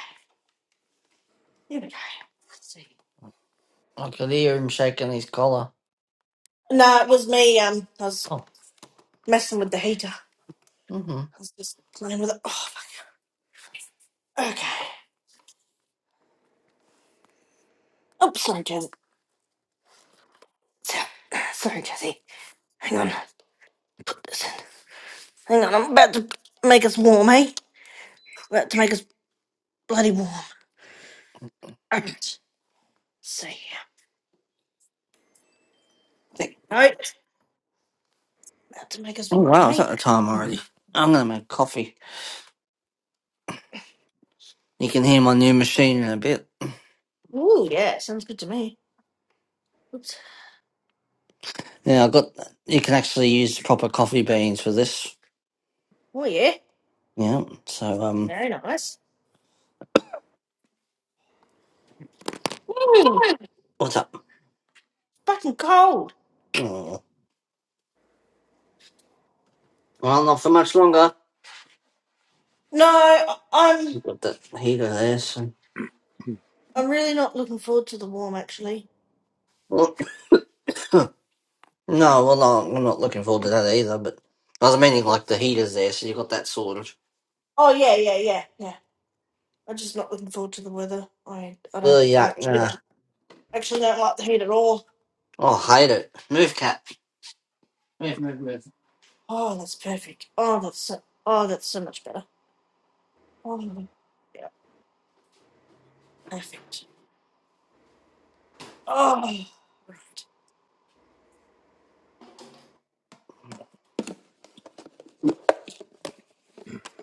B: here we go. Let's see.
A: I could hear him shaking his collar.
B: No, it was me. Um, I was
A: Oh,
B: messing with the heater.
A: mm-hmm.
B: I was just playing with it. Oh, fuck. Okay. Oops, sorry, Jesse. Sorry, Jesse. Hang on. Put this in. Hang on. I'm about to make us warm, eh? About to make us bloody warm. Okay. See. No. About to make us
A: Oh,
B: warm,
A: wow, it's
B: eh?
A: at the time already. I'm going to make coffee. You can hear my new machine in a bit.
B: Ooh, yeah. Sounds good to me. Oops.
A: Now, i got, you can actually use proper coffee beans for this.
B: Oh yeah,
A: Yeah, so, um,
B: very nice. Mm,
A: what's up?
B: fucking cold.
A: Oh, well, not for much longer.
B: No, I- I'm
A: We've got that heater there, so.
B: I'm really not looking forward to the warm actually.
A: Well, no, well, no, I'm not looking forward to that either, but I was meaning like the heater's there, so you got that sorted.
B: Oh yeah, yeah, yeah, yeah. I'm just not looking forward to the weather. I I
A: Oh,
B: don't I
A: yuck,
B: actually
A: nah.
B: don't, actually don't like the heat at all.
A: Oh, hate it. Move, cat. Move, move, move.
B: Oh, that's perfect. Oh, that's so oh, that's so much better. Oh, yeah, perfect. Oh, right.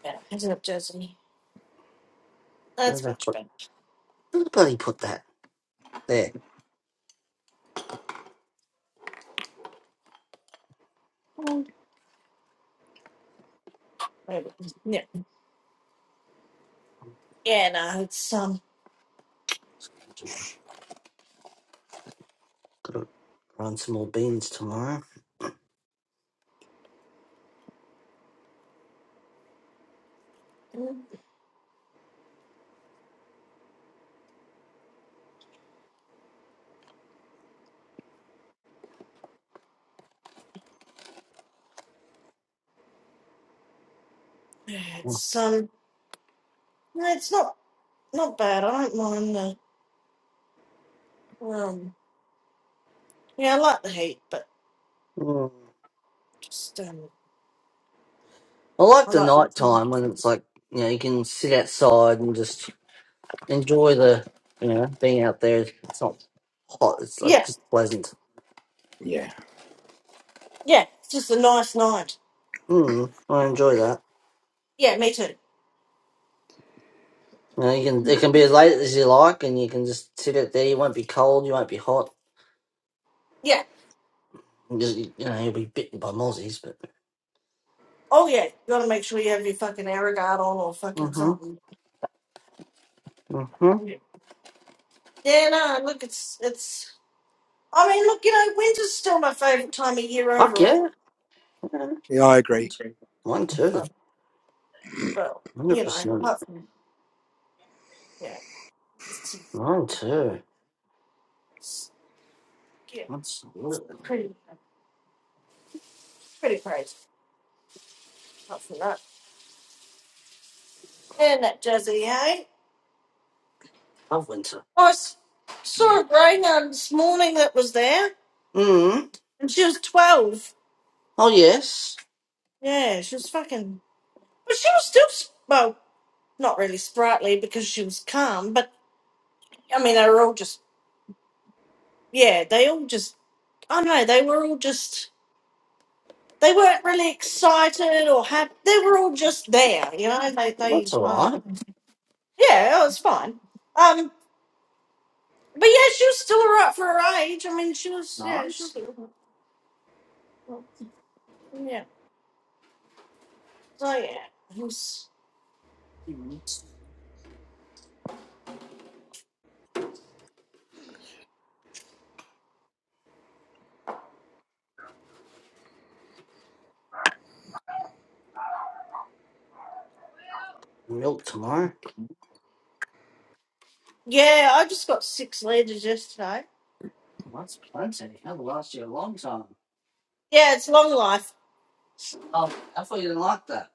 B: Yeah, isn't it Jersey?
A: Where
B: That's
A: did I
B: much
A: put?
B: better.
A: Where the bloody put that? There.
B: Oh, maybe. Yeah, yeah. No, it's um,
A: Gotta run some more beans tomorrow.
B: it's um, no, it's not. Not bad. I don't mind the um. Yeah, I like the heat, but
A: Mm.
B: just um,
A: I like
B: I
A: the
B: like.
A: night
B: The
A: time when it's like you know you can sit outside and just enjoy the you know being out there. It's not hot. It's like
B: yeah,
A: just pleasant.
B: yeah. It's just a nice night.
A: Mm, I enjoy that.
B: Yeah, me too.
A: You know, you can it can be as late as you like, and you can just sit out there. You won't be cold. You won't be hot.
B: Yeah.
A: You, just, you know you'll be bitten by mozzies, but.
B: Oh yeah. You gotta make sure you have your fucking air guard on or fucking
A: Mhm.
B: something.
A: Mhm.
B: Yeah. Yeah. No. Look, it's it's. I mean, look. You know, winter's still my favorite time of year
A: Fuck yeah.
B: overall.
A: yeah. One two. One, two.
B: Uh, but
A: one Hundred
B: you know,
A: percent.
B: apart from yeah, it's,
A: Mine too.
B: it's, yeah,
A: That's
B: pretty pretty crazy. Apart from that, and that jazzy, eh?
A: love winter.
B: I s- saw a greyhound this morning that was there,
A: Mm.
B: and she was 12.
A: Oh yes.
B: Yeah, she was fucking. But she was still, s- well, not really sprightly because she was calm, but I mean, they were all just, yeah, they all just, I don't know, they were all just, they weren't really excited or happy. They were all just there, you know? They,
A: Well, that's
B: they, I don't
A: alright.
B: know. Yeah, it was fine. Um, but yeah, she was still alright for her age. I mean, she was, yeah, she was,
A: Nice.
B: yeah. So yeah, it was.
A: Mm. Milk tomorrow.
B: Yeah, I just got six letters yesterday.
A: Well, that's plenty. That'll last you a long time.
B: Yeah, it's long life.
A: Oh, I thought you didn't like that.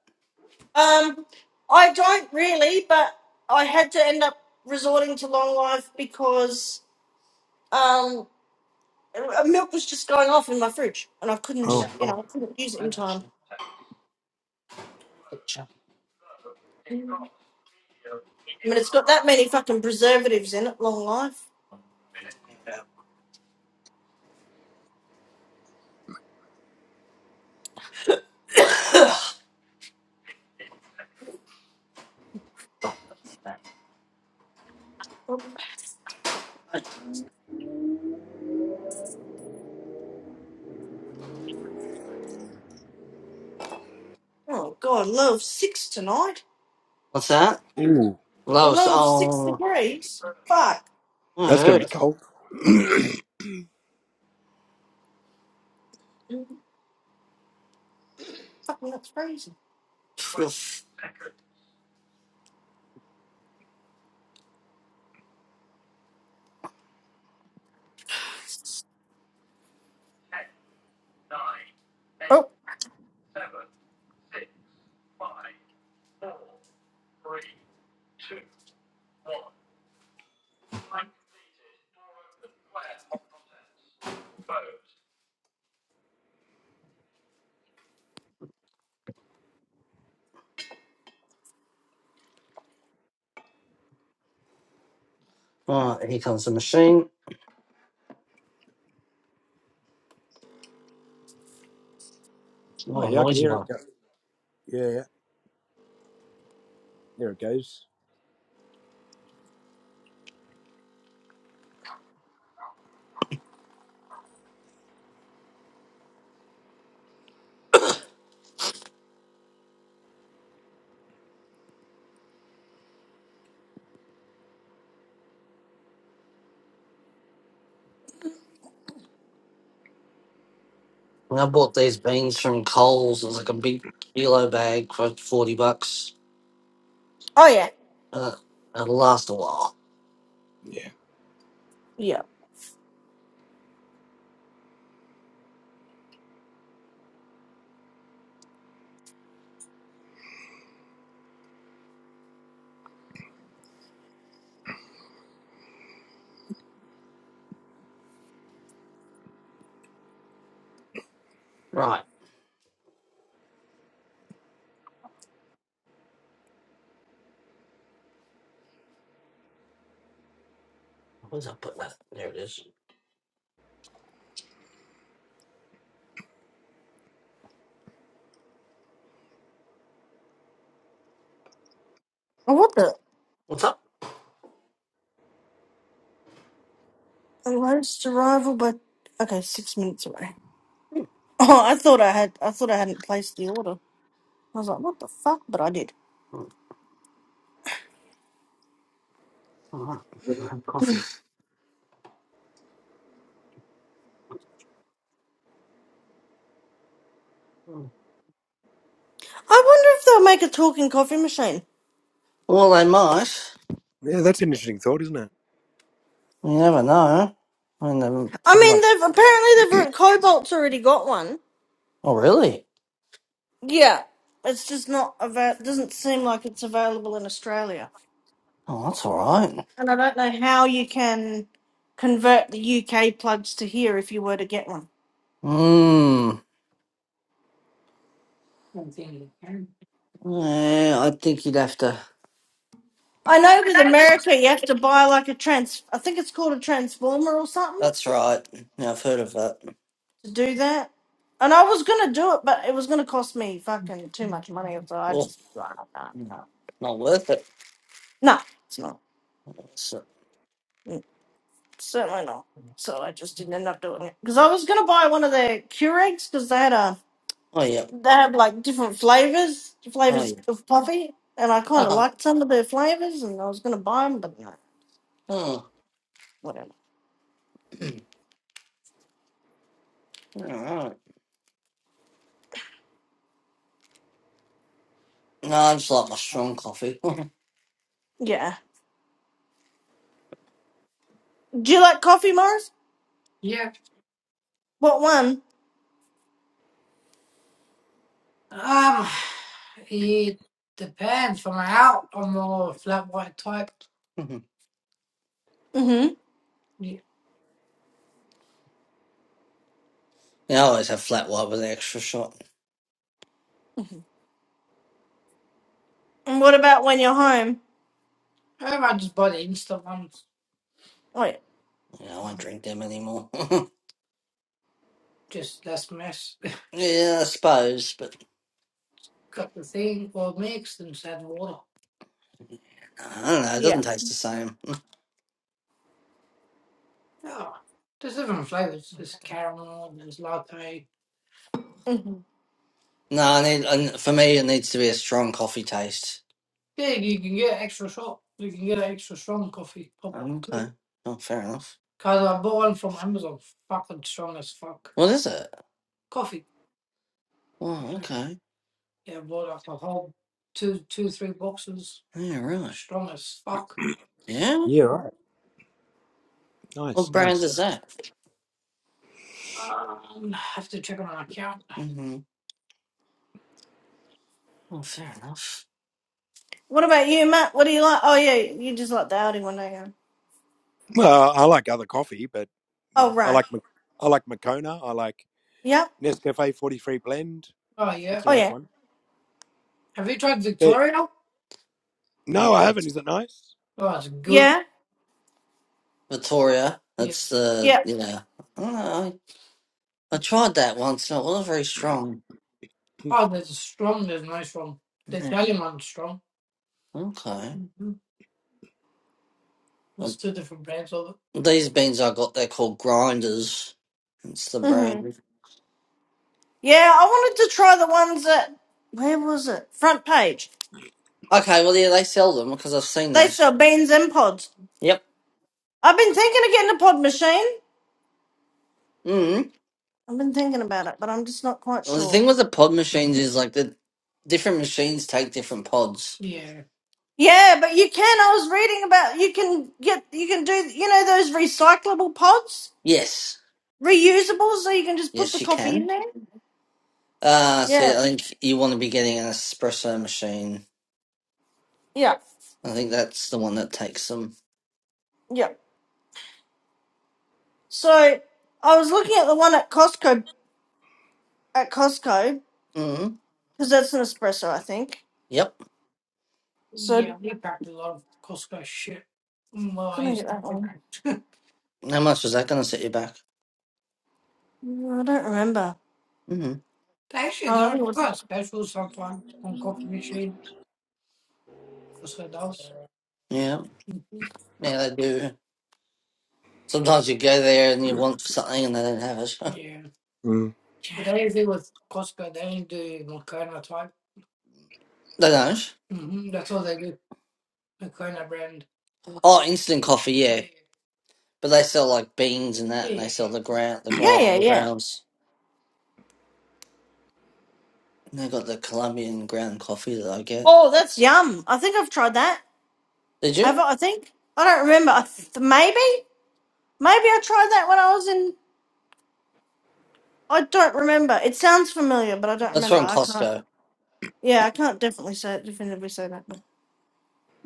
B: Um, I don't really, but I had to end up resorting to long life because um, uh, milk was just going off in my fridge, and I
A: Yeah.
B: couldn't, you
A: Oh.
B: know, I couldn't use it in time. I mean, it's got that many fucking preservatives in it. Long life. Oh God, love six tonight.
A: What's that? Lois.
B: Love six
A: Oh,
B: degrees. Fuck.
A: I heard.
B: Fucking that's crazy.
A: Phew.
B: Oh,
A: Oh, here comes the machine. What a noisy one. And I bought these beans from Coles. It was like a big kilo bag for forty bucks.
B: oh yeah,
A: Ugh, I lost the wall.
B: yeah.
A: Right. What was I putting that? There it is.
B: Oh, what the?
A: What's up?
B: Almost arrival, but okay, six minutes away. Oh, I thought I had. I thought I hadn't placed the order. I was like, what the fuck? But I did.
A: Mm, All right. I have coffee. Mm.
B: I wonder if they'll make a talking coffee machine.
A: Well, they might. You never know. I mean, they're
B: I
A: pretty much.
B: mean, they've apparently they've Cobalt's already got one.
A: Oh, really?
B: Yeah, it's just not avail. Doesn't seem like it's available in Australia.
A: Oh, that's all right.
B: And I don't know how you can convert the UK plugs to here if you were to get one.
A: Mmm. Yeah, I think you'd have to.
B: I know with America you have to buy like a trans. I think it's called a transformer or something
A: That's right. Yeah, I've heard of that.
B: to do that. And I was gonna do it, but it was gonna cost me fucking too much money, so I
A: Oh,
B: just nah, nah.
A: no. Not worth it.
B: no, it's not
A: That's it.
B: Mm, certainly not. So I just didn't end up doing it because I was gonna buy one of their Keurigs because they had a
A: Oh, yeah.
B: they had like different flavors,
A: Oh,
B: flavors
A: yeah.
B: of coffee, and I kind of liked some of their flavors, and I was gonna buy them, but no,
A: Oh, oh.
B: whatever.
A: All right. No, I just like my strong coffee.
B: Yeah. Do you like coffee, Morris? What one?
A: Um, it depends from out. I'm more flat white type. Mhm.
B: Mm-hmm.
A: Yeah. Yeah, I always have flat white with an extra shot.
B: And what about when you're home?
A: Um, I just buy the instant ones.
B: Oh yeah.
A: Yeah, I won't drink them anymore. Just less mess. yeah, I suppose, but Cut the thing or mixed and just add water. I don't know. It doesn't
B: Yeah.
A: taste the same. Oh, there's different flavors. There's caramel. There's latte.
B: Mm-hmm.
A: No, I need I, for me it needs to be a strong coffee taste. Yeah, you can get extra shot. You can get an extra strong coffee. Oh, okay. Oh, fair enough. Cause I bought one from Amazon. Fucking strong as fuck. What is it? Coffee. Oh, okay. Yeah, I bought like a whole two, two, three boxes. Yeah, really. Strong as fuck. Yeah? What brand is that? Um, I have to check on my account. Mm-hmm. Oh, fair enough.
B: What about you, Matt? What do you like? Oh yeah, you just like the Audi one, don't you? Oh right. Yep.
A: Oh yeah.
B: Oh yeah.
A: Have you tried Victoria? Ooh, that's- Oh, it's good.
B: Yeah.
A: Victoria. Yeah. That's, uh,
B: Yep.
A: yeah. Oh. I tried that once and it was very strong. Oh, there's a strong, there's no strong. There's Yeah. Gallimond strong. Okay. Mm-hmm. There's And two different brands of it. these beans I got, they're called grinders. It's the brand.
B: Mhm. Yeah, I wanted to try the ones that where was it? Front page.
A: Okay, well, yeah, they sell them because I've seen
B: They
A: that.
B: sell beans and pods.
A: Yep.
B: I've been thinking of getting a pod machine.
A: Mm.
B: I've been thinking about it, but I'm just not quite
A: Well, the
B: sure.
A: thing with the pod machines is like the different machines take different pods. Yeah.
B: Yeah, but you can. I was reading about you can get you can do you know those recyclable pods,
A: Yes.
B: reusables, so you can just put
A: Yes,
B: the
A: you
B: coffee in
A: can.
B: there.
A: Uh, so
B: Yeah.
A: I think you want to be getting an espresso machine.
B: Yeah.
A: I think that's the one that takes them.
B: Yeah. So I was looking at the one at Costco at Costco
A: Mm.
B: because that's an espresso, I think.
A: Yep.
B: So
A: Yeah, we packed a lot of Costco shit. Mm, Well, I
B: gonna get
A: used to.
B: that
A: we
B: one.
A: packed- How much was that going to set you back?
B: Mm, I don't remember.
A: hmm They Actually, there
B: Oh, I
A: are
B: think it was.
A: there are specials sometimes on coffee machine. Costco does. Yeah, hmm yeah, they do. Sometimes you go there and you want something and they don't have it. Yeah, but they don't do with Costco. They don't do Makona type. they don't. hmm That's all they do. Makona brand. Oh, instant coffee, yeah. Yeah, But they sell like beans and that, and they yeah, sell the ground, the yeah.
B: Yeah, yeah,
A: grind, the
B: yeah.
A: grounds. And I got the Colombian ground coffee that I get.
B: Oh, that's yum. I think I've tried that.
A: Did you?
B: I've, I think I don't remember. I th- maybe, maybe I tried that when I was in. I don't remember. It sounds familiar, but I don't
A: That's
B: remember.
A: from
B: I can't.
A: Costco.
B: Yeah, I can't definitely say definitively say that. But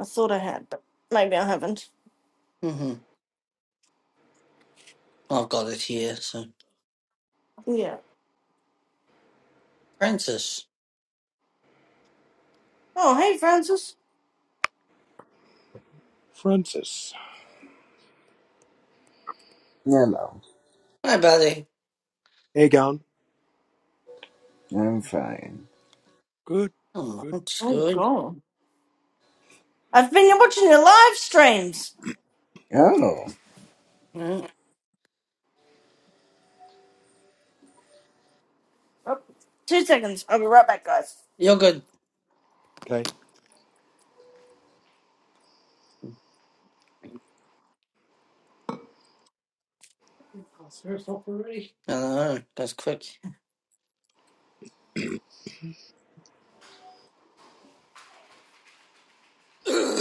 B: I thought I had, but maybe I haven't.
A: hmm I've got it here. So,
B: Yeah.
A: Francis.
B: Oh, hey, Francis.
D: Hello,
A: Hey, buddy.
D: I'm fine.
A: Oh, that's
B: Oh
A: good.
B: God. I've been watching your live streams.
D: Oh,
A: Mm,
B: Oh, two seconds. I'll be right back, guys.
A: You're good. Oh, sir, it's not already. I know. Goes quick. what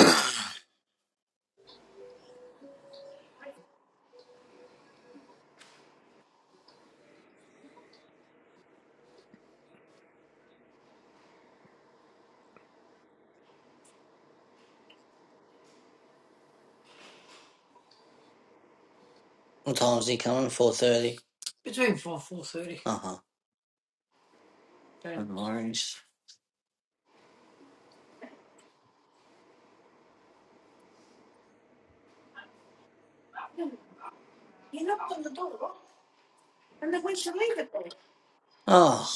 A: time's he coming? Four thirty. Between four four thirty. Uh huh. And orange.
B: He knocked on the door and they went to leave it
A: Oh,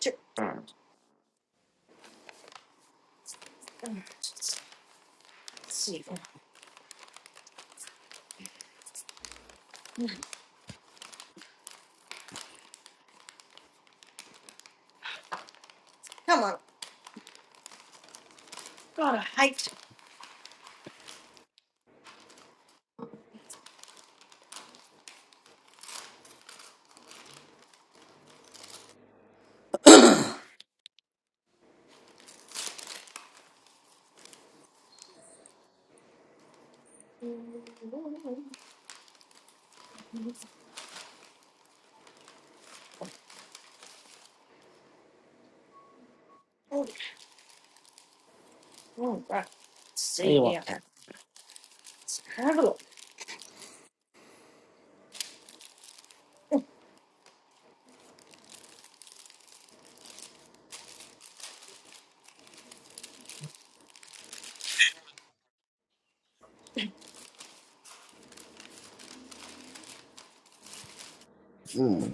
B: Ch- Come on. God, I hate.
A: what
B: Oh, right. Let's
A: do
B: See
A: you want,
B: here.
A: Cat?
B: Let's Have a look.
D: mm,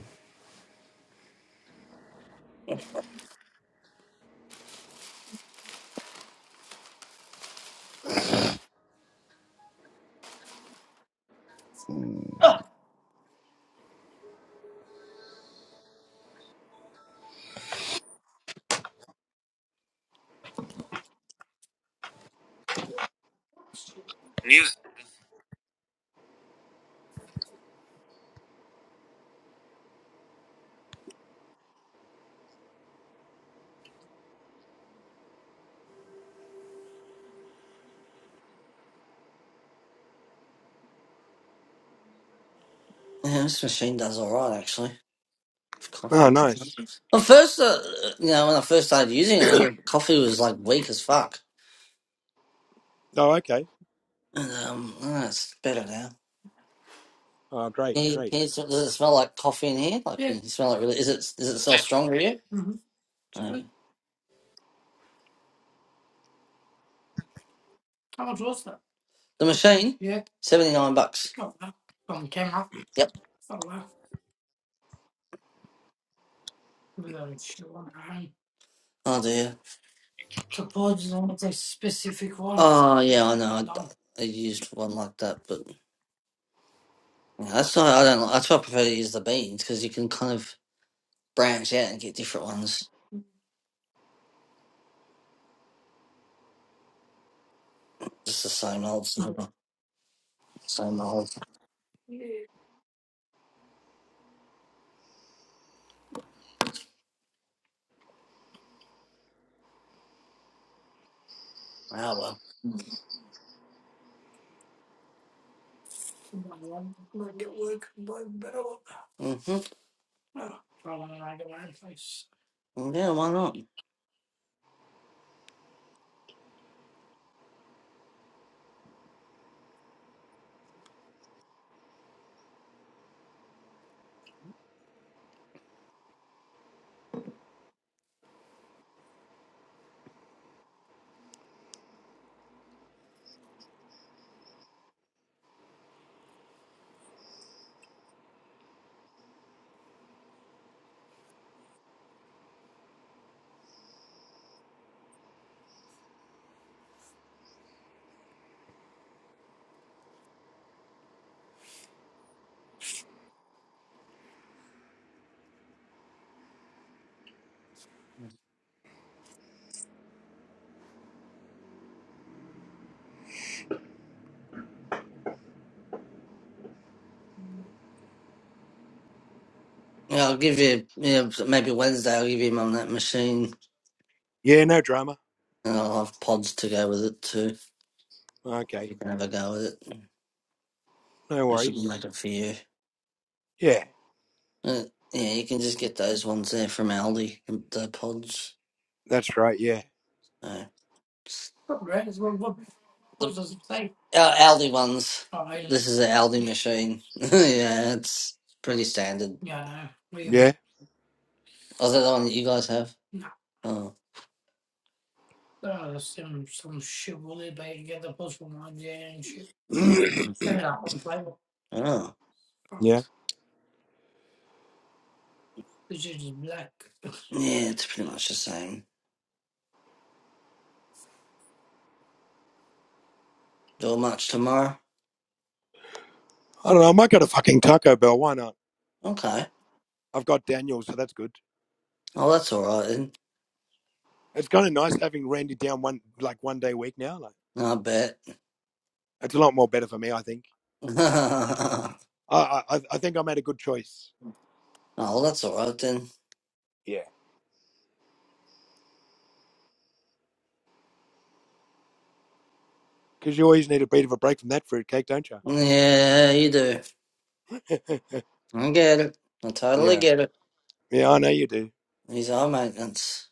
D: mm.
A: Yeah, this machine does all right actually. for Coffee. Well, first, uh, you know, when I first started using it, the coffee was like weak as fuck. And, um, oh, it's better now. Can you, can you, s- does it smell like coffee in here? Like, Yeah. can you smell it really? Is it, does it smell strong to you? Mm-hmm. No. How much was that? The machine? Yeah. 79 bucks. Not bad. On camera. Yep. Oh wow. Without show on hand. Oh dear. Suppose on a specific one. Oh yeah, I know. Not I, d- I used one like that, but yeah, that's why I don't. like- That's why I prefer to use the beans because you can kind of branch out and get different ones. Just the same old, same old, same old. Yeah. Oh well. Might get work, buy better. Mm-hmm. Oh, probably not get my place. Yeah, why not? Yeah, I'll give you, yeah, maybe Wednesday I'll give you mum that machine and I'll have pods to go with it too. You can have a go with it. I should make it for you. Uh, yeah, you can just get those ones there from Aldi, um, the pods. Uh, Not great. It's one one. the What does it say? uh, Aldi ones. Oh, yeah. This is an Aldi machine. yeah, it's pretty standard. Yeah, I know. Oh, is that the one that you guys have? No. Oh, Oh, that's some some shit will they back get one on there and shit. yeah. mm. And that was like Oh, fucked. This shit is black. yeah, it's pretty much the same. Do a match tomorrow? Okay. Oh, that's all right then. No, I bet. oh, that's all right then. Yeah, you do. I get it. I totally get it. These are maintenance.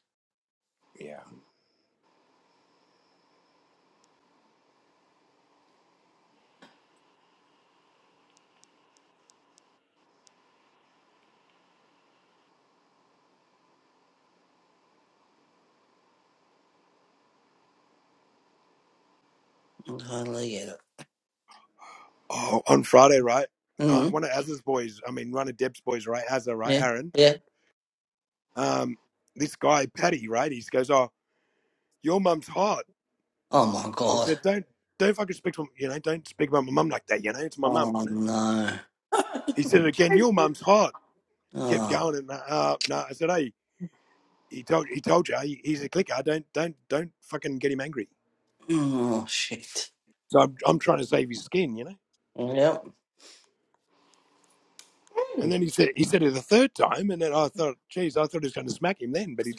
A: I totally get it. Mm-hmm. Yeah, yeah. Oh my god. Oh no. Oh, oh shit. Yep.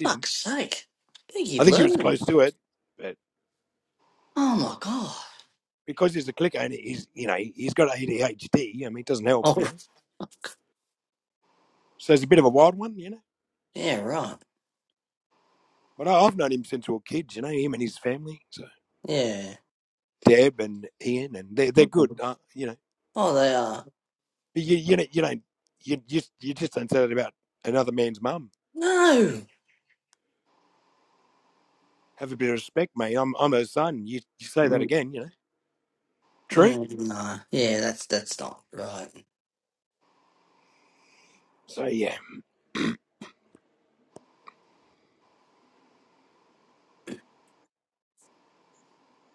A: Fuck's sake. I think you'd learn. Oh my god. Oh yeah, right. Yeah. Mhm. Oh they are. No. Mm, mm, No. Yeah, that's that's not right.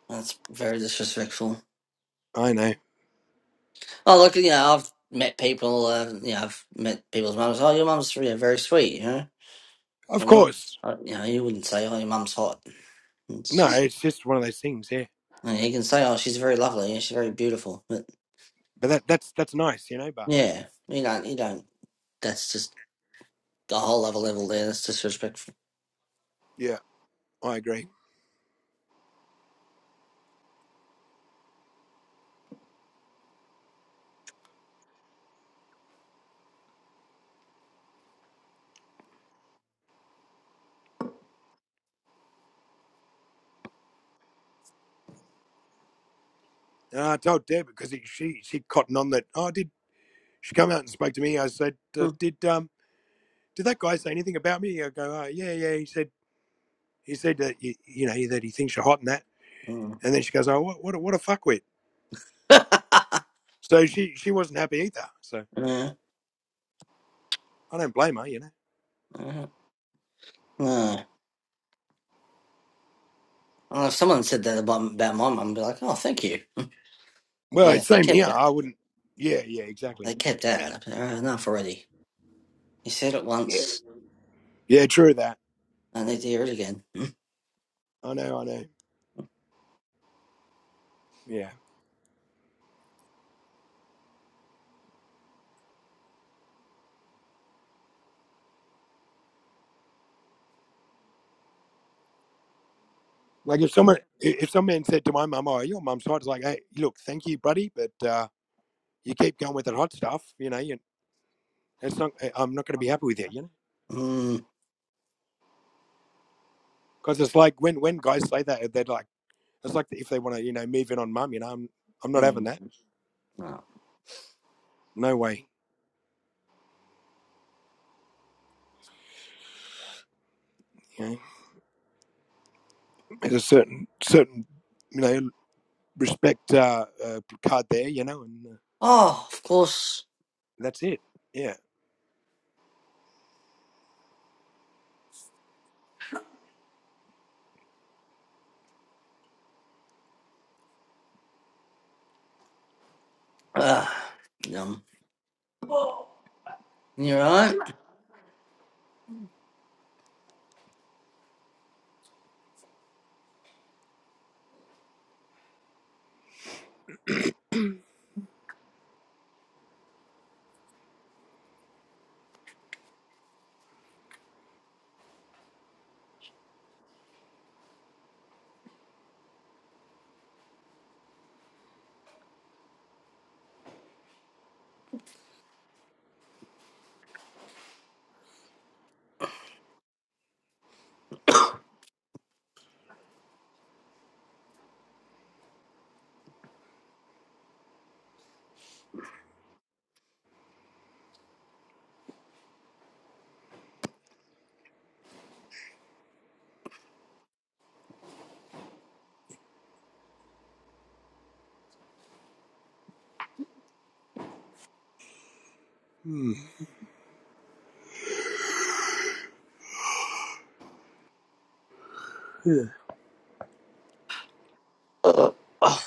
A: That's very disrespectful. Oh look, you know, I've met people. Uh, you know, I've met people's mums. Oh, your mum's yeah, very sweet. You know, but not. uh, You know, you wouldn't say, "Oh, your mum's hot." It's just And he can say, "Oh, she's very lovely and she's very beautiful," but yeah, you don't, you don't. That's just a whole other level there. That's disrespectful. Mm. Mm. yeah, yeah. No. Well, if someone said that about, about my mum, I'd be like, "Oh, thank you." But yes, they kept that. They kept that. I'd be like, "Oh, enough already. You said it once. I need to hear it again. Mm. Mm. No. Oh, of course. Uh, yum. You alright? Uh, oh,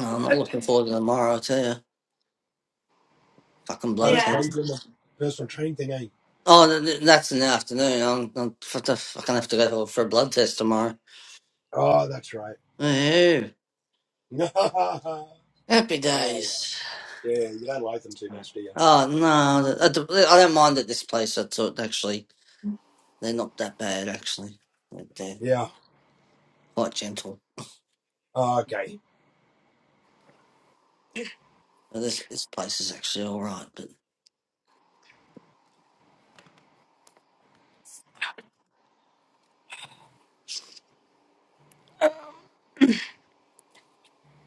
A: I'm not looking forward to tomorrow. I tell you, fucking blood test.
B: Yeah.
A: Oh, th- th- that's in the afternoon. I'm, I'm, f- f- I can have to go for a blood test tomorrow. Ooh, happy days. Oh, no, th- I d- I don't mind at this place. I thought, actually, they're not that bad, actually. They're they're quite gentle. But This, this place is actually all right, but...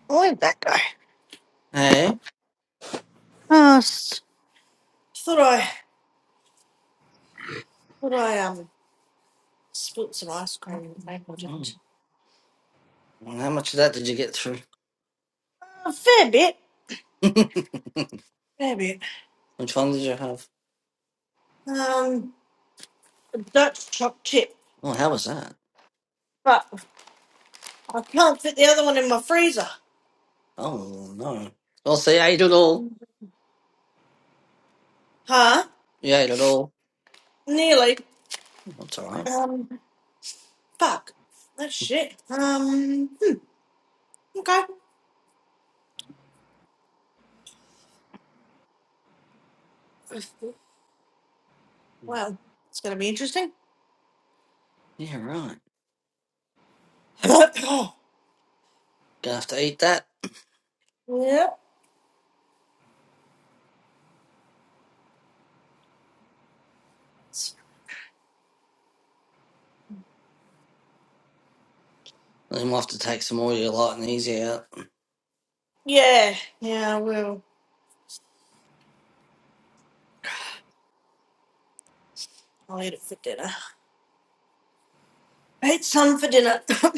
B: Where'd that go?
A: Hey?
B: Oh, s- thought I thought I um spilled some ice cream. Maybe I
A: Mm.
B: didn't.
A: Well, How much of that did you get through?
B: A fair bit. Fair bit.
A: Which one did you have?
B: Um. Dutch choc chip,
A: Oh, how was that?
B: but I can't fit the other one in my freezer.
A: Oh, no. Well, see, I ate it all.
B: Huh?
A: You ate it all.
B: Nearly.
A: That's all right.
B: Um, fuck. That's shit. Um, hmm, okay. Well, it's gonna be interesting.
A: Yeah, right.
B: yep.
A: Gonna have to eat that. They might have to take some oil light and easy out.
B: Yeah. Yeah, I will. I'll eat it for dinner. I ate some for dinner. well,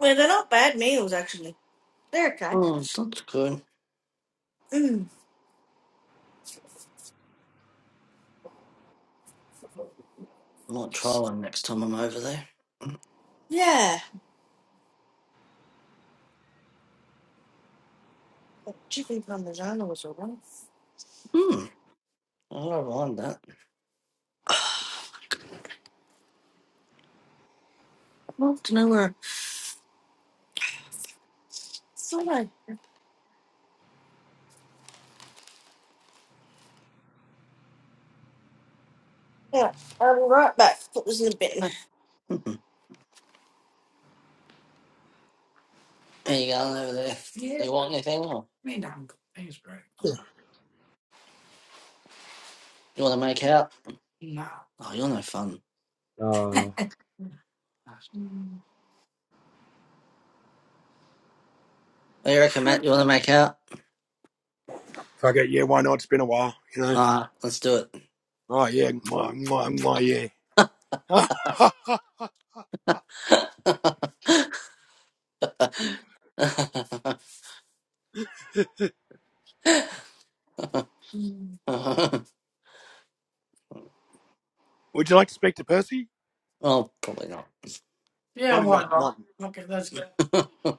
B: they're not bad meals, actually. They're okay.
A: Oh, that's good.
B: Mm.
A: Might try one next time I'm over there.
B: Yeah. That chicken parmesan was alright.
A: Hmm. I don't mind that.
B: I'd love to know where. I thought I Yeah, I'll be right back. Put this in the bin.
A: Hey, mhm. How you going over there? Yeah. You want anything? Or? Me, no. Thanks, bro. Oh, You want to make out? No. Oh, you're no fun. What do you reckon, Matt? You want to make out? Ah, let's do it. Mm. oh, probably not. Yeah, why not? Okay, let's go.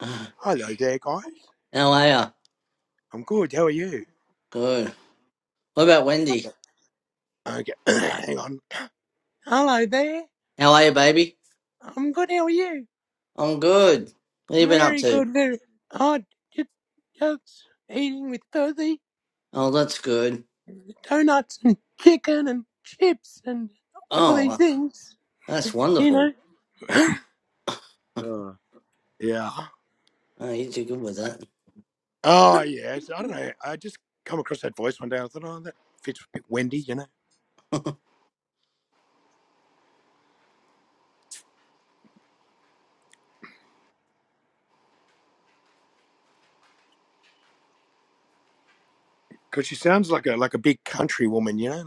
A: How are you? Good. What about Wendy? How are you, baby?
E: How are you?
A: I'm good. What have you been up
E: Very
A: to?
E: good, very hard. Just, just eating with Thursday
A: Oh, that's good.
E: donuts and chicken and chips and all these
A: Oh,
E: things.
A: that's
E: You know.
A: wonderful. Oh, you do good with that.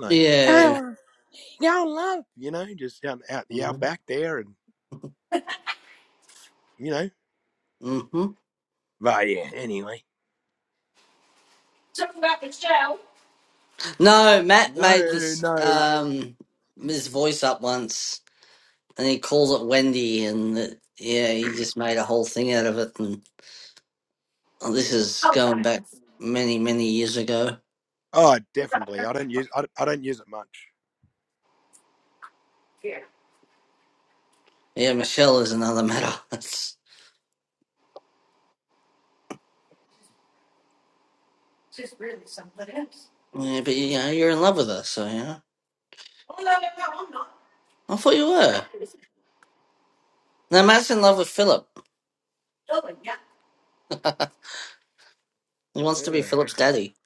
A: Yeah. Mm-hmm.
B: Something about Michelle.
A: No, Matt made this um his voice up once, and he calls it Wendy, and it, yeah, he just made a whole thing out of it. And oh, this is
B: Oh,
A: going
B: right.
A: back many, many years ago.
B: Yeah,
A: Yeah, Michelle is another matter. That's,
B: she's really something else.
A: yeah, but you know, you're in love with her, so yeah.
B: Oh no, no, no, I'm not.
A: I thought you were. Now Matt's in love with Philip.
B: Oh, Yeah.
A: He wants to be Philip's daddy.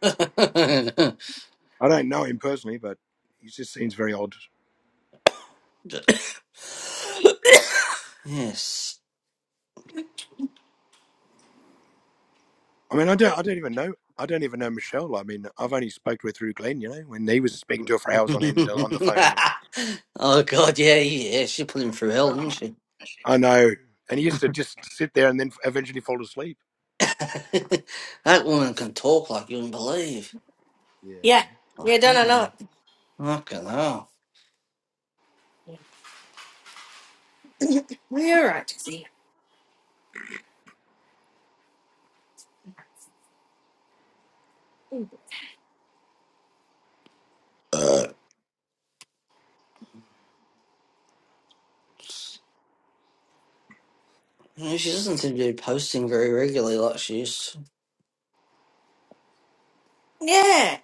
A: yes. oh god, yeah, yeah. She put him through hell, didn't she? that woman can talk like you wouldn't believe.
B: Yeah,
A: Oh,
B: yeah, done, I know it.
A: Fucking hell.
B: Yeah. Well, You're all right, Dixie.
A: Uh, no, she doesn't seem to be posting very regularly like she used to.
B: Yeah.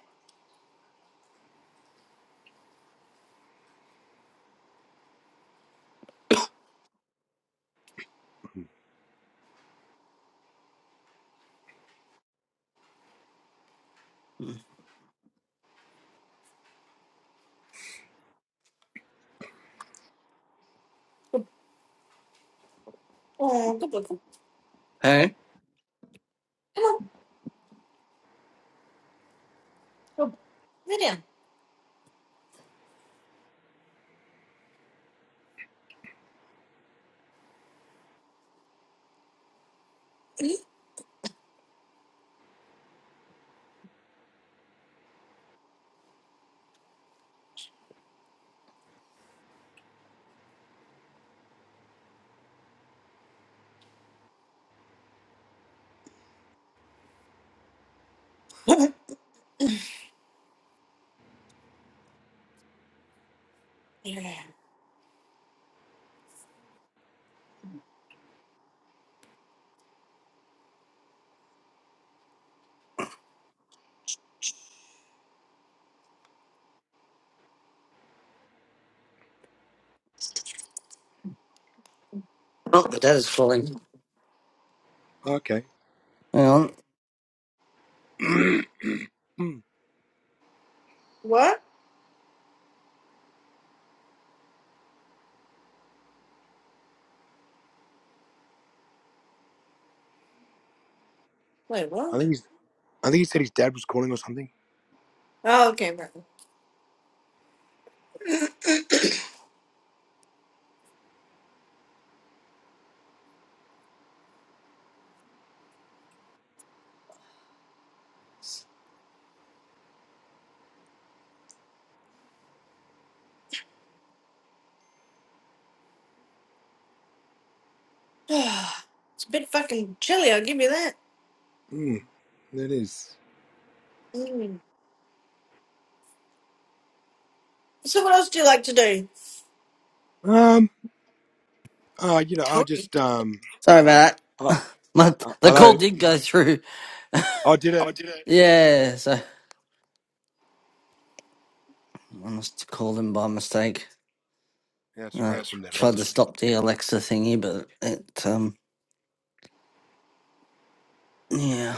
B: Oh, good boy. Come
A: Hey?
B: on. Go. Lay down. Mhm. yeah.
A: Oh, the dad is falling. Hang on.
B: What? Wait, what? Oh, okay, right. it's a bit fucking chilly, I'll give you that. Mm. So what else do you like to do?
A: Sorry about that. My, the call did go through. Oh, did it? Yes, I almost called him by mistake. I That's right. tried to stop the Alexa thingy, but it, um, yeah.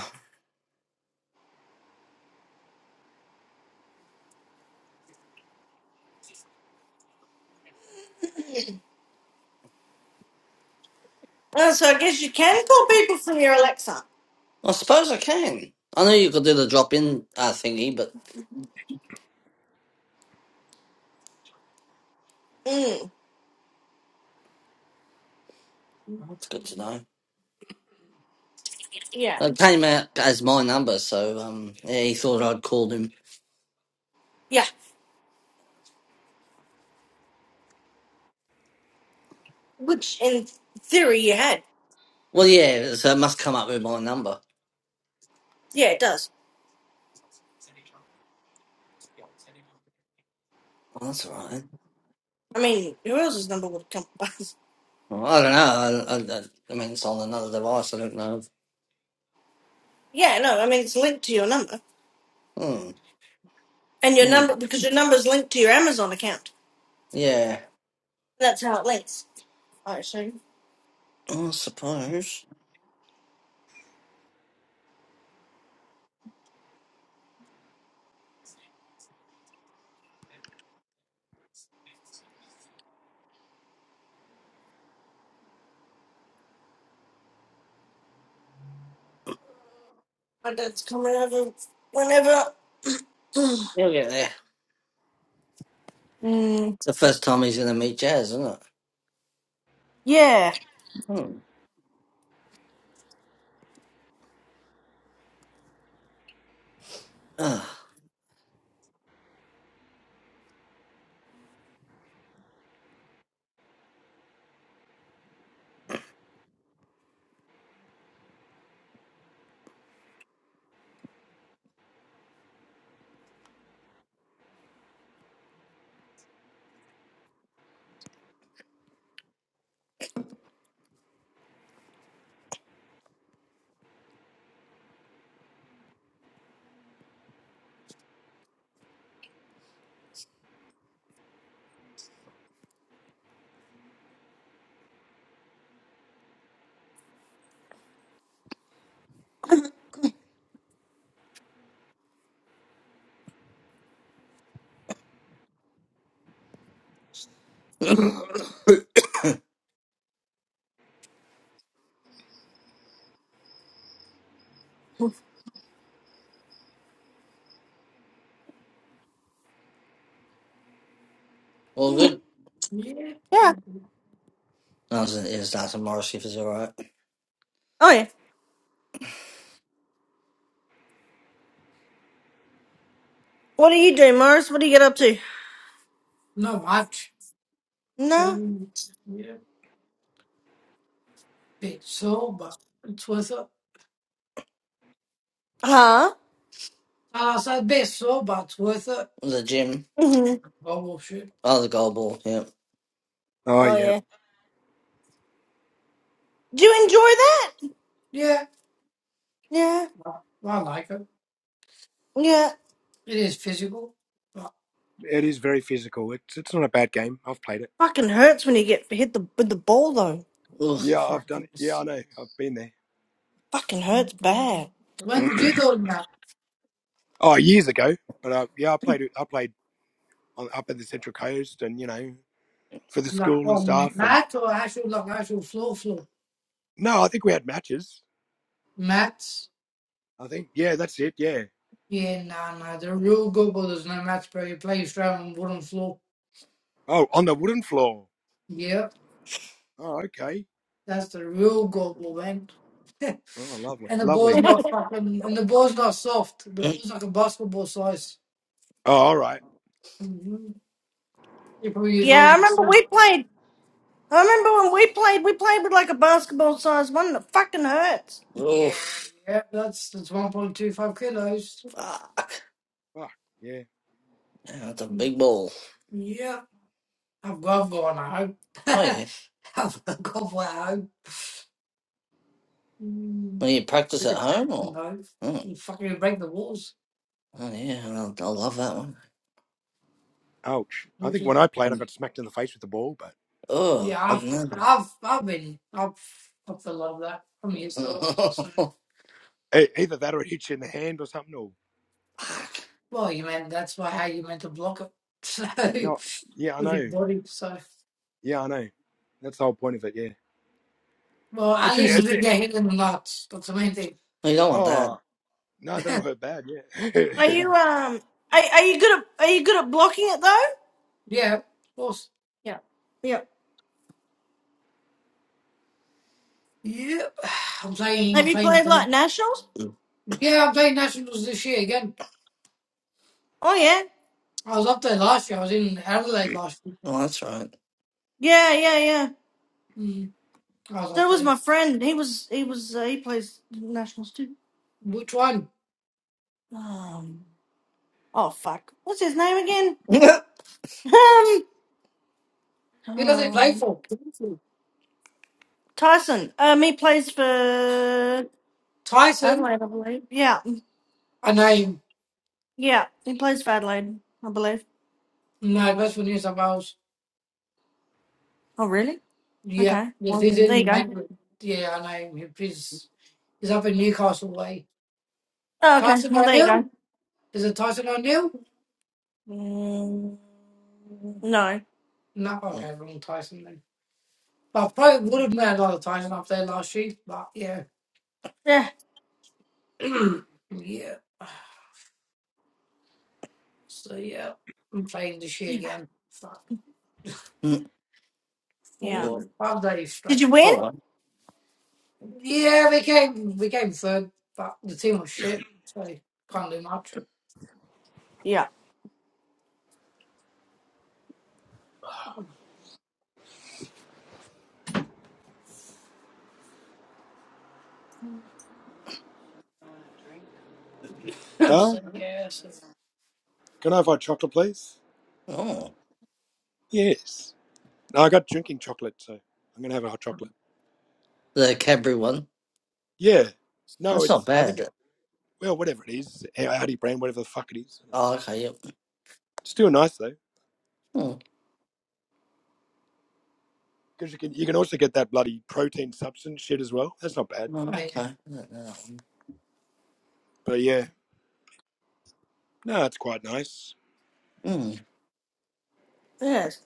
B: Uh, so I guess you can call people from your Alexa.
A: I suppose I can. I know you could do the drop in uh, thingy, but
B: Mm.
A: that's good to know.
B: Yeah.
A: It came out as my number, so, um, yeah, he thought I'd called him.
B: Yeah. Which, in theory, you had.
A: Well, yeah, so it must come up with my number.
B: Yeah, it does.
A: Well, that's all right.
B: I mean, who else's number would come by?
A: Well, I don't know. I, I, I mean, it's on another device. I don't know.
B: yeah, no, I mean, it's linked to your number.
A: Hmm.
B: And your
A: Hmm.
B: number, because your number's linked to your Amazon account.
A: Yeah.
B: That's how it links. Alright, so
A: I suppose.
B: my dad's coming over whenever.
A: You'll get there.
B: Mm,
A: It's the first time he's going to meet Jazz, isn't it?
B: yeah.
A: Hmm. Ah. well, good. Yeah.
B: Yeah.
A: No, it's, it's Darcy Morris if it's all right.
B: Oh, yeah. What do you do, Morris? What do you get up to?
A: Not much.
B: No.
A: Chilling. Yeah. Bit sober. It's worth it.
B: Huh?
A: I said bit sober. It's worth it. The gym.
B: hmm
A: Global shit. Oh, the goal ball. Yeah.
B: Oh, yeah. Do you enjoy that?
A: Yeah.
B: Yeah.
A: I I like it.
B: Yeah.
A: It is physical. But
B: Fucking hurts when you get hit the, with the ball, though.
A: Ugh. oh, fuck this.
B: Fucking hurts bad.
A: When did you do that? Like on mat or actual like actual floor floor? Mats. Yeah, nah, nah. The real Gobo does not match play. He plays straight on wooden floor. Yep, that's the real Gobo, man. And the ball's not fucking. And the ball's not soft. The ball's like a basketball size. Mm-hmm. He probably use one
B: Yeah, I
A: of the
B: remember
A: soft.
B: we played. I remember when we played. We played with like a basketball sized one that fucking hurts.
A: Yeah, Oof. yeah. That's that's one point two five kilos. Fuck. Yeah, That's a big ball. Yeah, I've got I've got one at home. Oh, yeah. I've got one at home. Mm, Well, you practice at home or? No, Oh, you fucking break the walls. oh yeah. I, I love that one. Oh, Yeah, I've, Mm. I've, I've been, I've, I feel love that. I'm used to it. So, well, you meant that's why how you meant to block it. So, with your body. So, well, at least you didn't get hit in the nuts. That's the main thing. you don't want that.
B: Are you um? Are, are you good at Are you good at blocking it though?
A: yeah, of course.
B: Yeah.
A: Yeah, I'm playing, I'm
B: Have you
A: playing.
B: played like
A: them.
B: nationals?
A: Yeah, I'm playing nationals this year again.
B: Oh yeah,
A: I was up there last year. I was in Adelaide last year. Oh, that's right.
B: yeah, yeah, yeah.
A: Mm, I was up
B: So was
A: there.
B: my friend. He was he was uh, he plays nationals too.
A: Which one?
B: Um. Oh fuck. What's his name again?
A: Who does it play
B: Um.
A: for?
B: Um. Tyson. Um. He plays for
A: Tyson,
B: Adelaide, I believe. Yeah.
A: and I'm
B: Yeah. He plays for Adelaide, I believe.
A: nervous when he's about,
B: Oh really?
A: yeah,
B: Okay.
A: the
B: Well, there you
A: season
B: go.
A: met with, yeah, and I'm, he's, he's up in Newcastle way.
B: Oh, okay.
A: Tyson
B: Well, there you
A: O'Neill?
B: go.
A: Is it Tyson O'Neill?
B: Mm, no.
A: No, okay, wrong Tyson then. But I probably would have met another Tyson up there last year, but yeah.
B: Yeah.
A: yeah. So yeah, I'm playing this year again. Fuck. Mm.
B: Yeah.
A: Four, five days
B: Did
A: straight.
B: you
A: Oh,
B: win?
A: well. Yeah, we came, we came third, but the team was shit, so can't do much.
B: Yeah.
A: So, yes. it's- just- Oh, like everyone. That's not bad. Oh, okay. Yep. Mm, mm, Right. okay. I don't know that one. Mm.
B: Yes.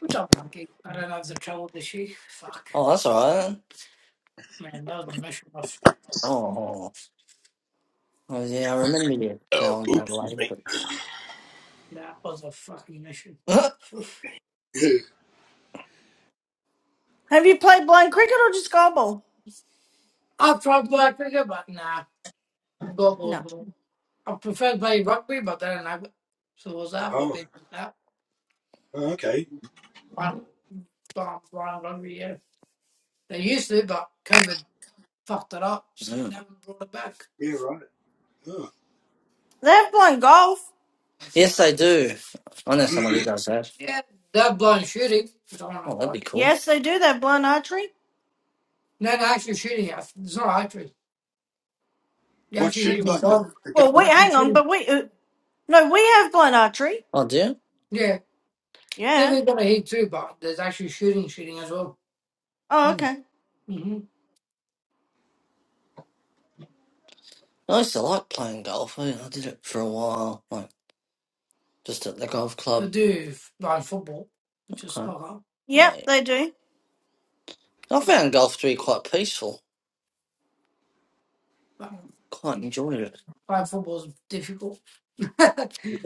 A: Which I like it. I don't have the trouble this year. Fuck. Oh, that's all right. Man, that was a mission off. Oh, oh, yeah, I remember you going to Adelaide, but that was a fucking mission. Oof.
B: Have you played blind cricket or just gobball?
A: I tried black cricket, but nah, got balls.
B: No.
A: wrong. I prefer playing rugby, but they don't have it. So was that what they did that? Brown, brown, brown rugby, yeah. They used to, but COVID fucked it up, so they Mm. never brought it back.
B: They have blind golf.
A: Yes, they do. I know someone who does that. Yeah, they're blind shooting, which I don't know Oh, that'd why. be cool.
B: Yes, they do. They have blind archery.
A: No, they're actually shooting at. It's not archery. You're actually hitting dog.
B: Well,
A: It's
B: wait,
A: actually
B: hang on,
A: shooting.
B: but we uh, no, we have blind archery.
A: Oh, dear. Yeah, they
B: Yeah.
A: were gonna hit too, but there's actually shooting, shooting as well.
B: Oh,
A: Mm.
B: okay.
A: hmm I used to like playing golf. I, I did it for a while, like just at the golf club. I do blind football, which is Okay. fuck Oh, yeah.
B: Yep, they do.
A: I found golf to be quite peaceful. I Can't enjoy it. Playing football's difficult. you,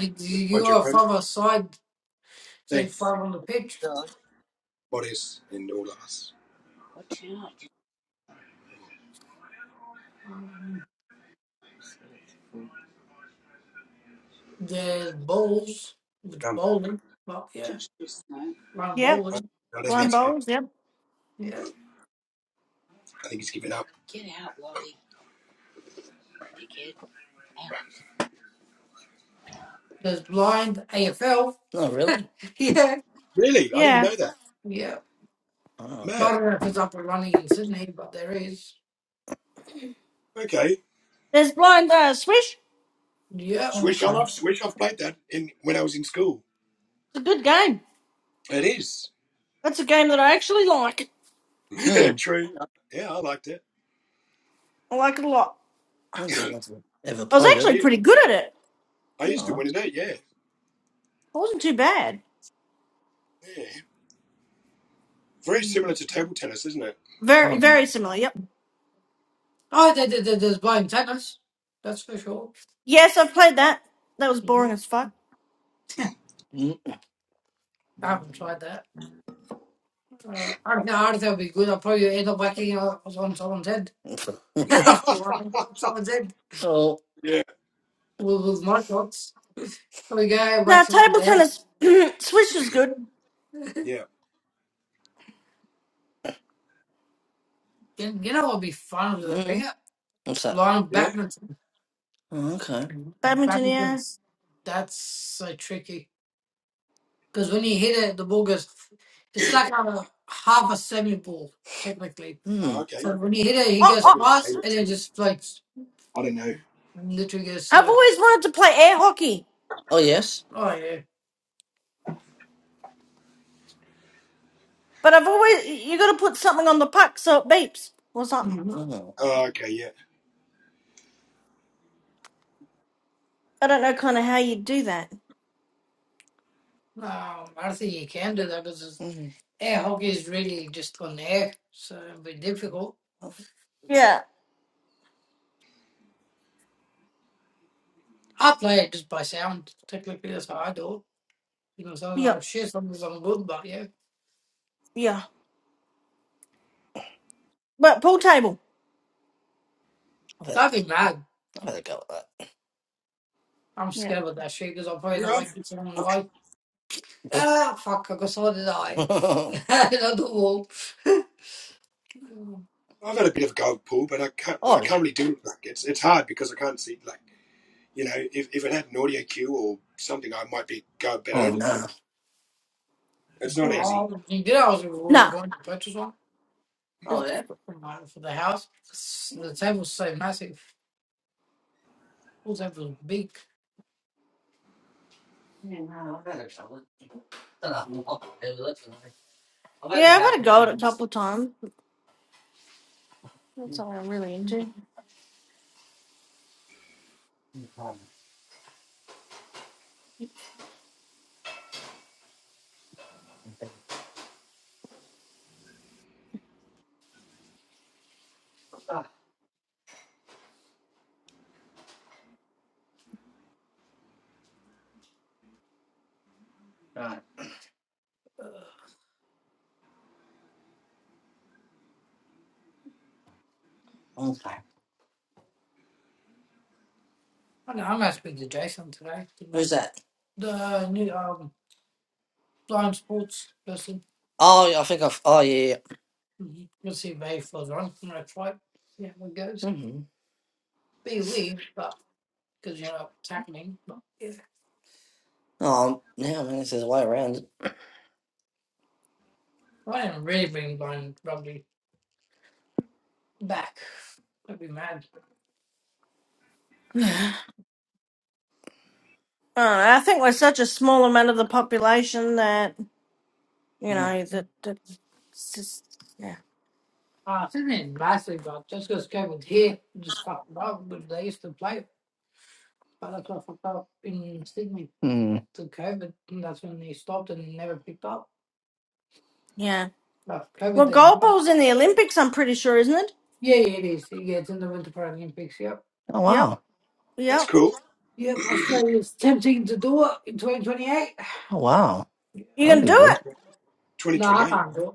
A: you got further side, say five on the pitch. Um, there's bowls, which bowling, but yeah, round
B: Yep.
A: bowling.
B: Blind bowls. Yep.
A: Yeah. There's blind AFL. Oh, really? yeah.
B: Yeah.
A: Yeah. Oh, But I don't know if it's up and running in Sydney, but there is.
B: There's blind uh, swish.
A: Yeah. oh okay.
B: It's a good game. That's a game that I actually like.
A: Mm.
B: I like it a lot.
A: I don't think I've ever
B: I was
A: played it.
B: actually pretty good at it.
A: Oh,
B: I wasn't too bad.
A: Mm. I
B: Very,
A: don't know.
B: very similar. Yep.
A: Oh, there, there, there- there's blind tennis. That's for sure.
B: Yes, I've played that. That was
A: Yeah.
B: boring as fuck.
A: Yeah, Mm. I haven't tried that. Uh, I don't know, I don't think it'll be good. I'll probably end up whacking on on someone's head. I'll probably
B: That was boring.
A: whack on someone's head oh, with, with my shots. There we go, whack
B: Now,
A: someone's
B: table
A: head.
B: tennis, swish is good.
A: you, you know what would be fun with a mm. finger? What's that? Line of badminton. Oh, okay.
B: Badminton, yeah.
A: Badminton's that's so tricky. Because when you hit it, the ball goes, it's like a half a semi ball, technically. Mm. So when you hit it, he
B: Oh,
A: goes
B: oh,
A: fast and it just floats. Literally goes
B: I've
A: slow.
B: always wanted to play air hockey,
A: Oh yes. Oh yeah.
B: but I've always you got to put something on the puck so it beeps or something.
A: hmm Oh.
B: I don't know kind of how you do that.
A: Um, I don't think you can do that because Mm. air hockey is really just on the air, so it'd be difficult.
B: Yeah,
A: I play it just by sound. Technically, that's how I do it. You know, sometimes
B: yeah,
A: I'm shit, sometimes I'm good, but yeah,
B: yeah. But pool table.
A: i that'd be mad. I'll let it go with that. I'm
B: Yeah,
A: scared of that shit because I'm probably not waking someone in Ah, fuck! I got someone in the eye. that. Another oh yeah. Oh no.
B: yeah.
A: Bro, you did. I was we were
B: No,
A: going to purchase one.
B: it's
A: Oh, yeah,
B: difficult.
A: Like, for the house, s- the table's so massive. Pool table's are big. Yeah, no, I better tell it. Shut up. It looks like- I better
B: Yeah, I've
A: have
B: had a
A: it.
B: go at it a couple of times. That's all I'm really into.
A: Ugh. Okay. I know. I'm gonna speak to Jason today. Who's that? The new um blind sports person. Oh, yeah, I think I've. Oh, yeah. yeah. Mhm. We'll see if he falls on. You know, try. it, See how it goes. mm hmm Be weird, but because you know it's happening. But yeah, Oh, yeah, I mean, this is way around. I didn't really bring blind rugby. back. I'd be mad.
B: Uh, I think we're such a small amount of the population that you
A: Mm.
B: know that, that it's just yeah
A: Uh, I think it's massive, but just because Kevin's here, just fucked up. But they used to play, but that's what fucked up in Sydney Mm. to COVID. And that's when they stopped and they never picked up.
B: yeah.
A: But COVID
B: Well,
A: didn't.
B: goalball's in the Olympics, I'm pretty sure, isn't it?
A: Yeah, yeah, it is. Yeah, it's in the Winter Paralympics. Yep. Oh
B: Yep,
A: wow!
B: yep.
A: Yeah, Australia's tempting to do it in 2028. Oh wow!
B: You
A: That'd
B: can
A: be
B: do
A: good.
B: it. Of
A: No, I can't do it.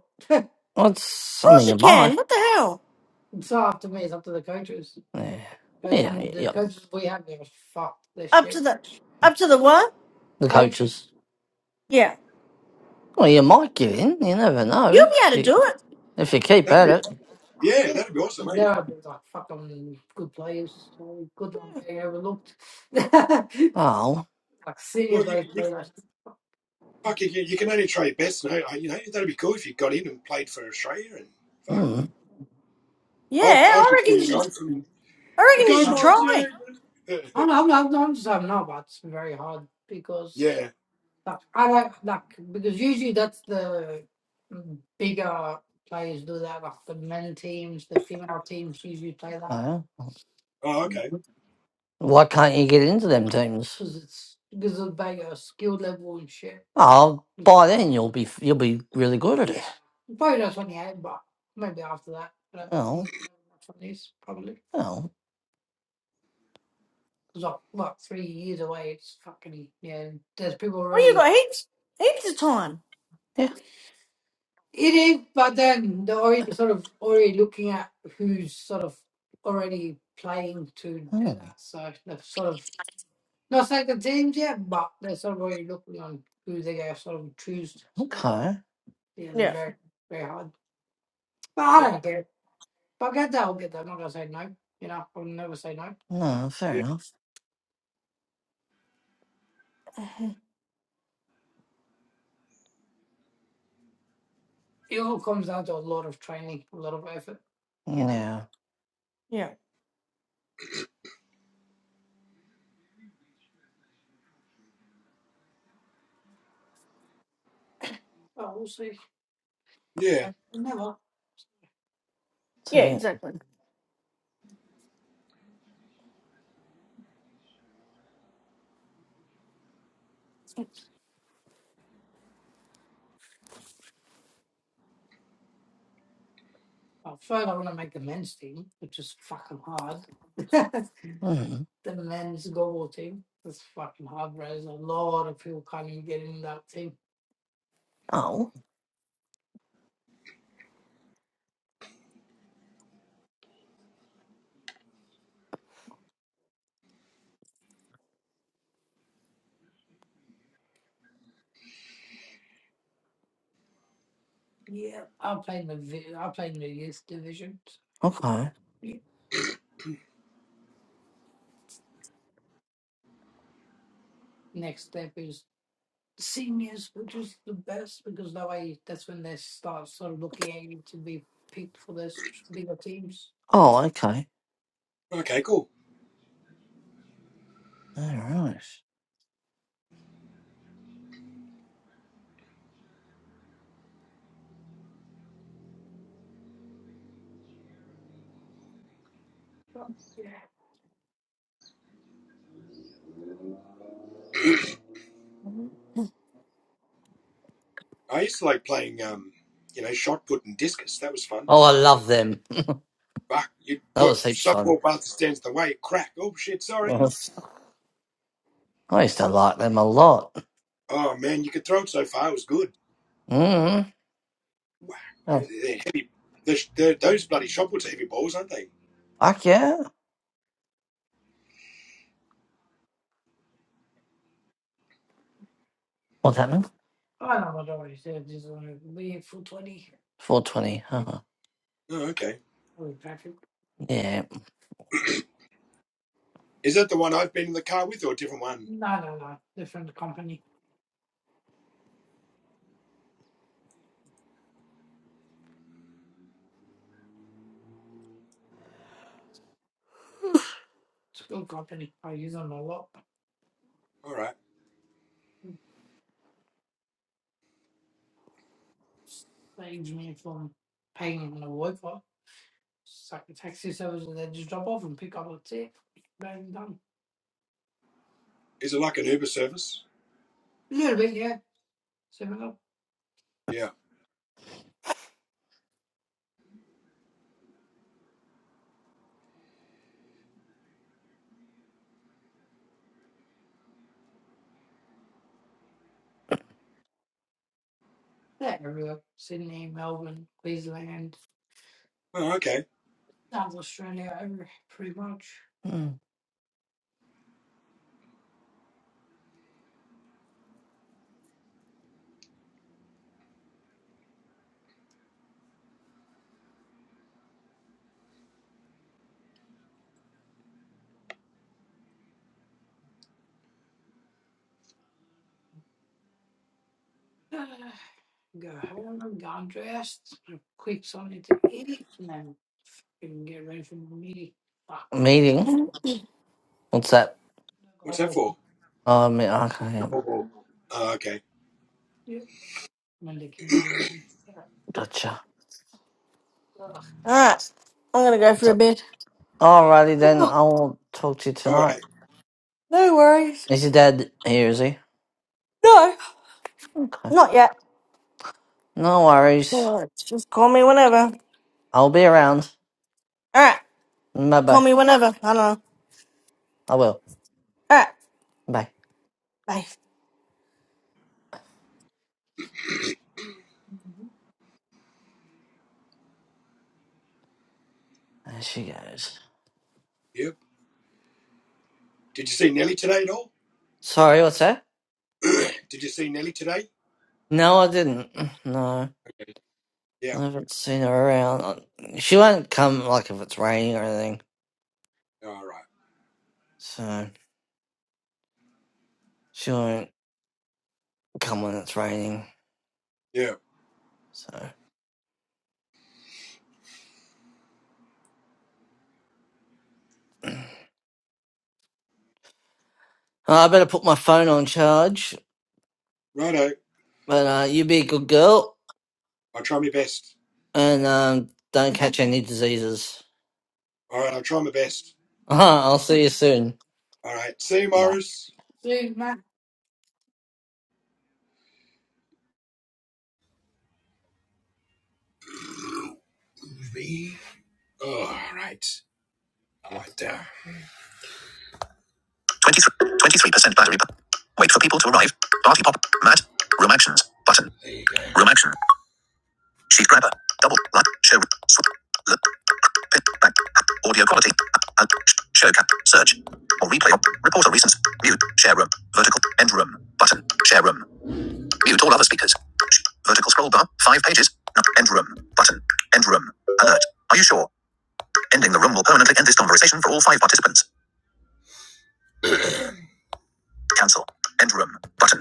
A: Well, it's
B: course
A: something
B: you
A: you buy.
B: can. What the hell?
A: So up to me, it's up to the coaches. Yeah, Coach, yeah, and the yeah. coaches we have give a fuck this
B: Up to
A: shit.
B: the up to the what?
A: The coaches.
B: Yeah,
A: Well, you might give in. You never
B: you'll
A: know.
B: be able to
A: Y-
B: do it.
A: If you keep at it. Like, there are these, like fucking good players, so good ones being overlooked. Oh, like Oh. senior players play like mm,
B: Yeah, I reckon you should. I
A: it's
B: reckon you should
A: fun.
B: try.
A: I'm, I'm, I'm, I'm just having no, but it's very hard because Like, I do like because usually that's the mm, bigger players do that. Like the men teams, the female teams usually play that Oh. Why can't you get into them teams? because it's because of bigger skill level and shit. Oh, by then you'll be you'll be really good at it. Yeah, probably not twenty eight, but maybe after that. I don't Oh, remember twenties probably. oh, It's like what three years away. It's fucking yeah. There's people
B: Well, you
A: already.
B: got heaps heaps of time.
A: Yeah. It is, but then they're already sort of already looking at who's sort of already playing to do Oh, that. So they are sort of not second teams yet, but they're sort of already looking on who they are sort of choose. So okay. yeah, it's
B: Yeah,
A: very very hard. But I
B: yeah,
A: don't care. If I get that, I'll get that. I'm not gonna say no. You know, I'll never say no. No, fair enough. It all comes down to a lot of training, a lot of effort. You know, Yeah.
B: yeah,
A: but we'll see. Never. never.
B: yeah.
A: So.
B: Exactly.
A: Well, first, I want to make the men's team, which is fucking hard. the Mm. men's global team. That's fucking hard, bro. There's a lot of people can't even get in that team. Oh, Yeah, I played in the vi- I played in the youth division. okay. Yeah. Next step is seniors, which is the best because that way that's when they start sort of looking at you to be picked for those bigger teams. Oh, okay. All right. But, yeah.
B: Mm-hmm.
A: Oh, I love them. That was heaps fun. Uh-huh. I used to like them a lot. Mm-hmm. Oh, fuck yeah. What's happening? I know what I already said. Just want to leave for 20. 420. Huh? Holy traffic. Yeah. No, no, no. Different company. It's a good company. I use them a lot. Saves me from paying on the Wi-Fi. It's like a taxi service that they just drop off and pick up. That's it. Bang, done. A little bit, yeah. Seven up. Yeah, everywhere. Sydney, Melbourne, Queensland. Sounds Australia over, pretty much. Mm. Ah, Go home, get undressed, quick something to eat, and then fucking get ready for the meeting. Fuck. Meeting. What's that? Go walk. Oh, I mean, okay. Yep. Monday community. meeting. Gotcha. Ugh.
B: All right, I'm gonna go
A: What's
B: for a bit.
A: Alrighty then.
B: Oh,
A: I'll talk to you tonight.
B: no worries.
A: Is your dad here? Is he?
B: No.
A: Okay.
B: Not yet.
A: No worries.
B: Alright, Just call me whenever.
A: I'll be around.
B: All right.
A: Bye
B: Call
A: bye.
B: me whenever. I don't know. All
A: I will.
B: right.
A: Bye.
B: Bye.
A: Mhm. There she goes. Sorry, what's that? No, I didn't. No, I haven't seen her around. Uh, She won't come like if it's raining or anything. So she won't come when it's raining. So Uh, I better put my phone on charge. But uh, you be a good girl and um, don't catch any diseases. I'll see you soon.
E: 23, percent battery. p- Wait for people to arrive. Party pop. Matt. Room actions. Button. Room action. Sheet grabber. Double. Light. Show. Swap. Look. Pin. Back. Audio quality. Out. Show cap. Search. Or replay. Report on reasons. Mute. Share room. Vertical. End room. Button. Share room. Mute all other speakers. Vertical scroll bar. Five pages. End room. Button. End room. Alert. Are you sure? Ending the room will permanently end this conversation for all five participants. Cancel. End room. Button.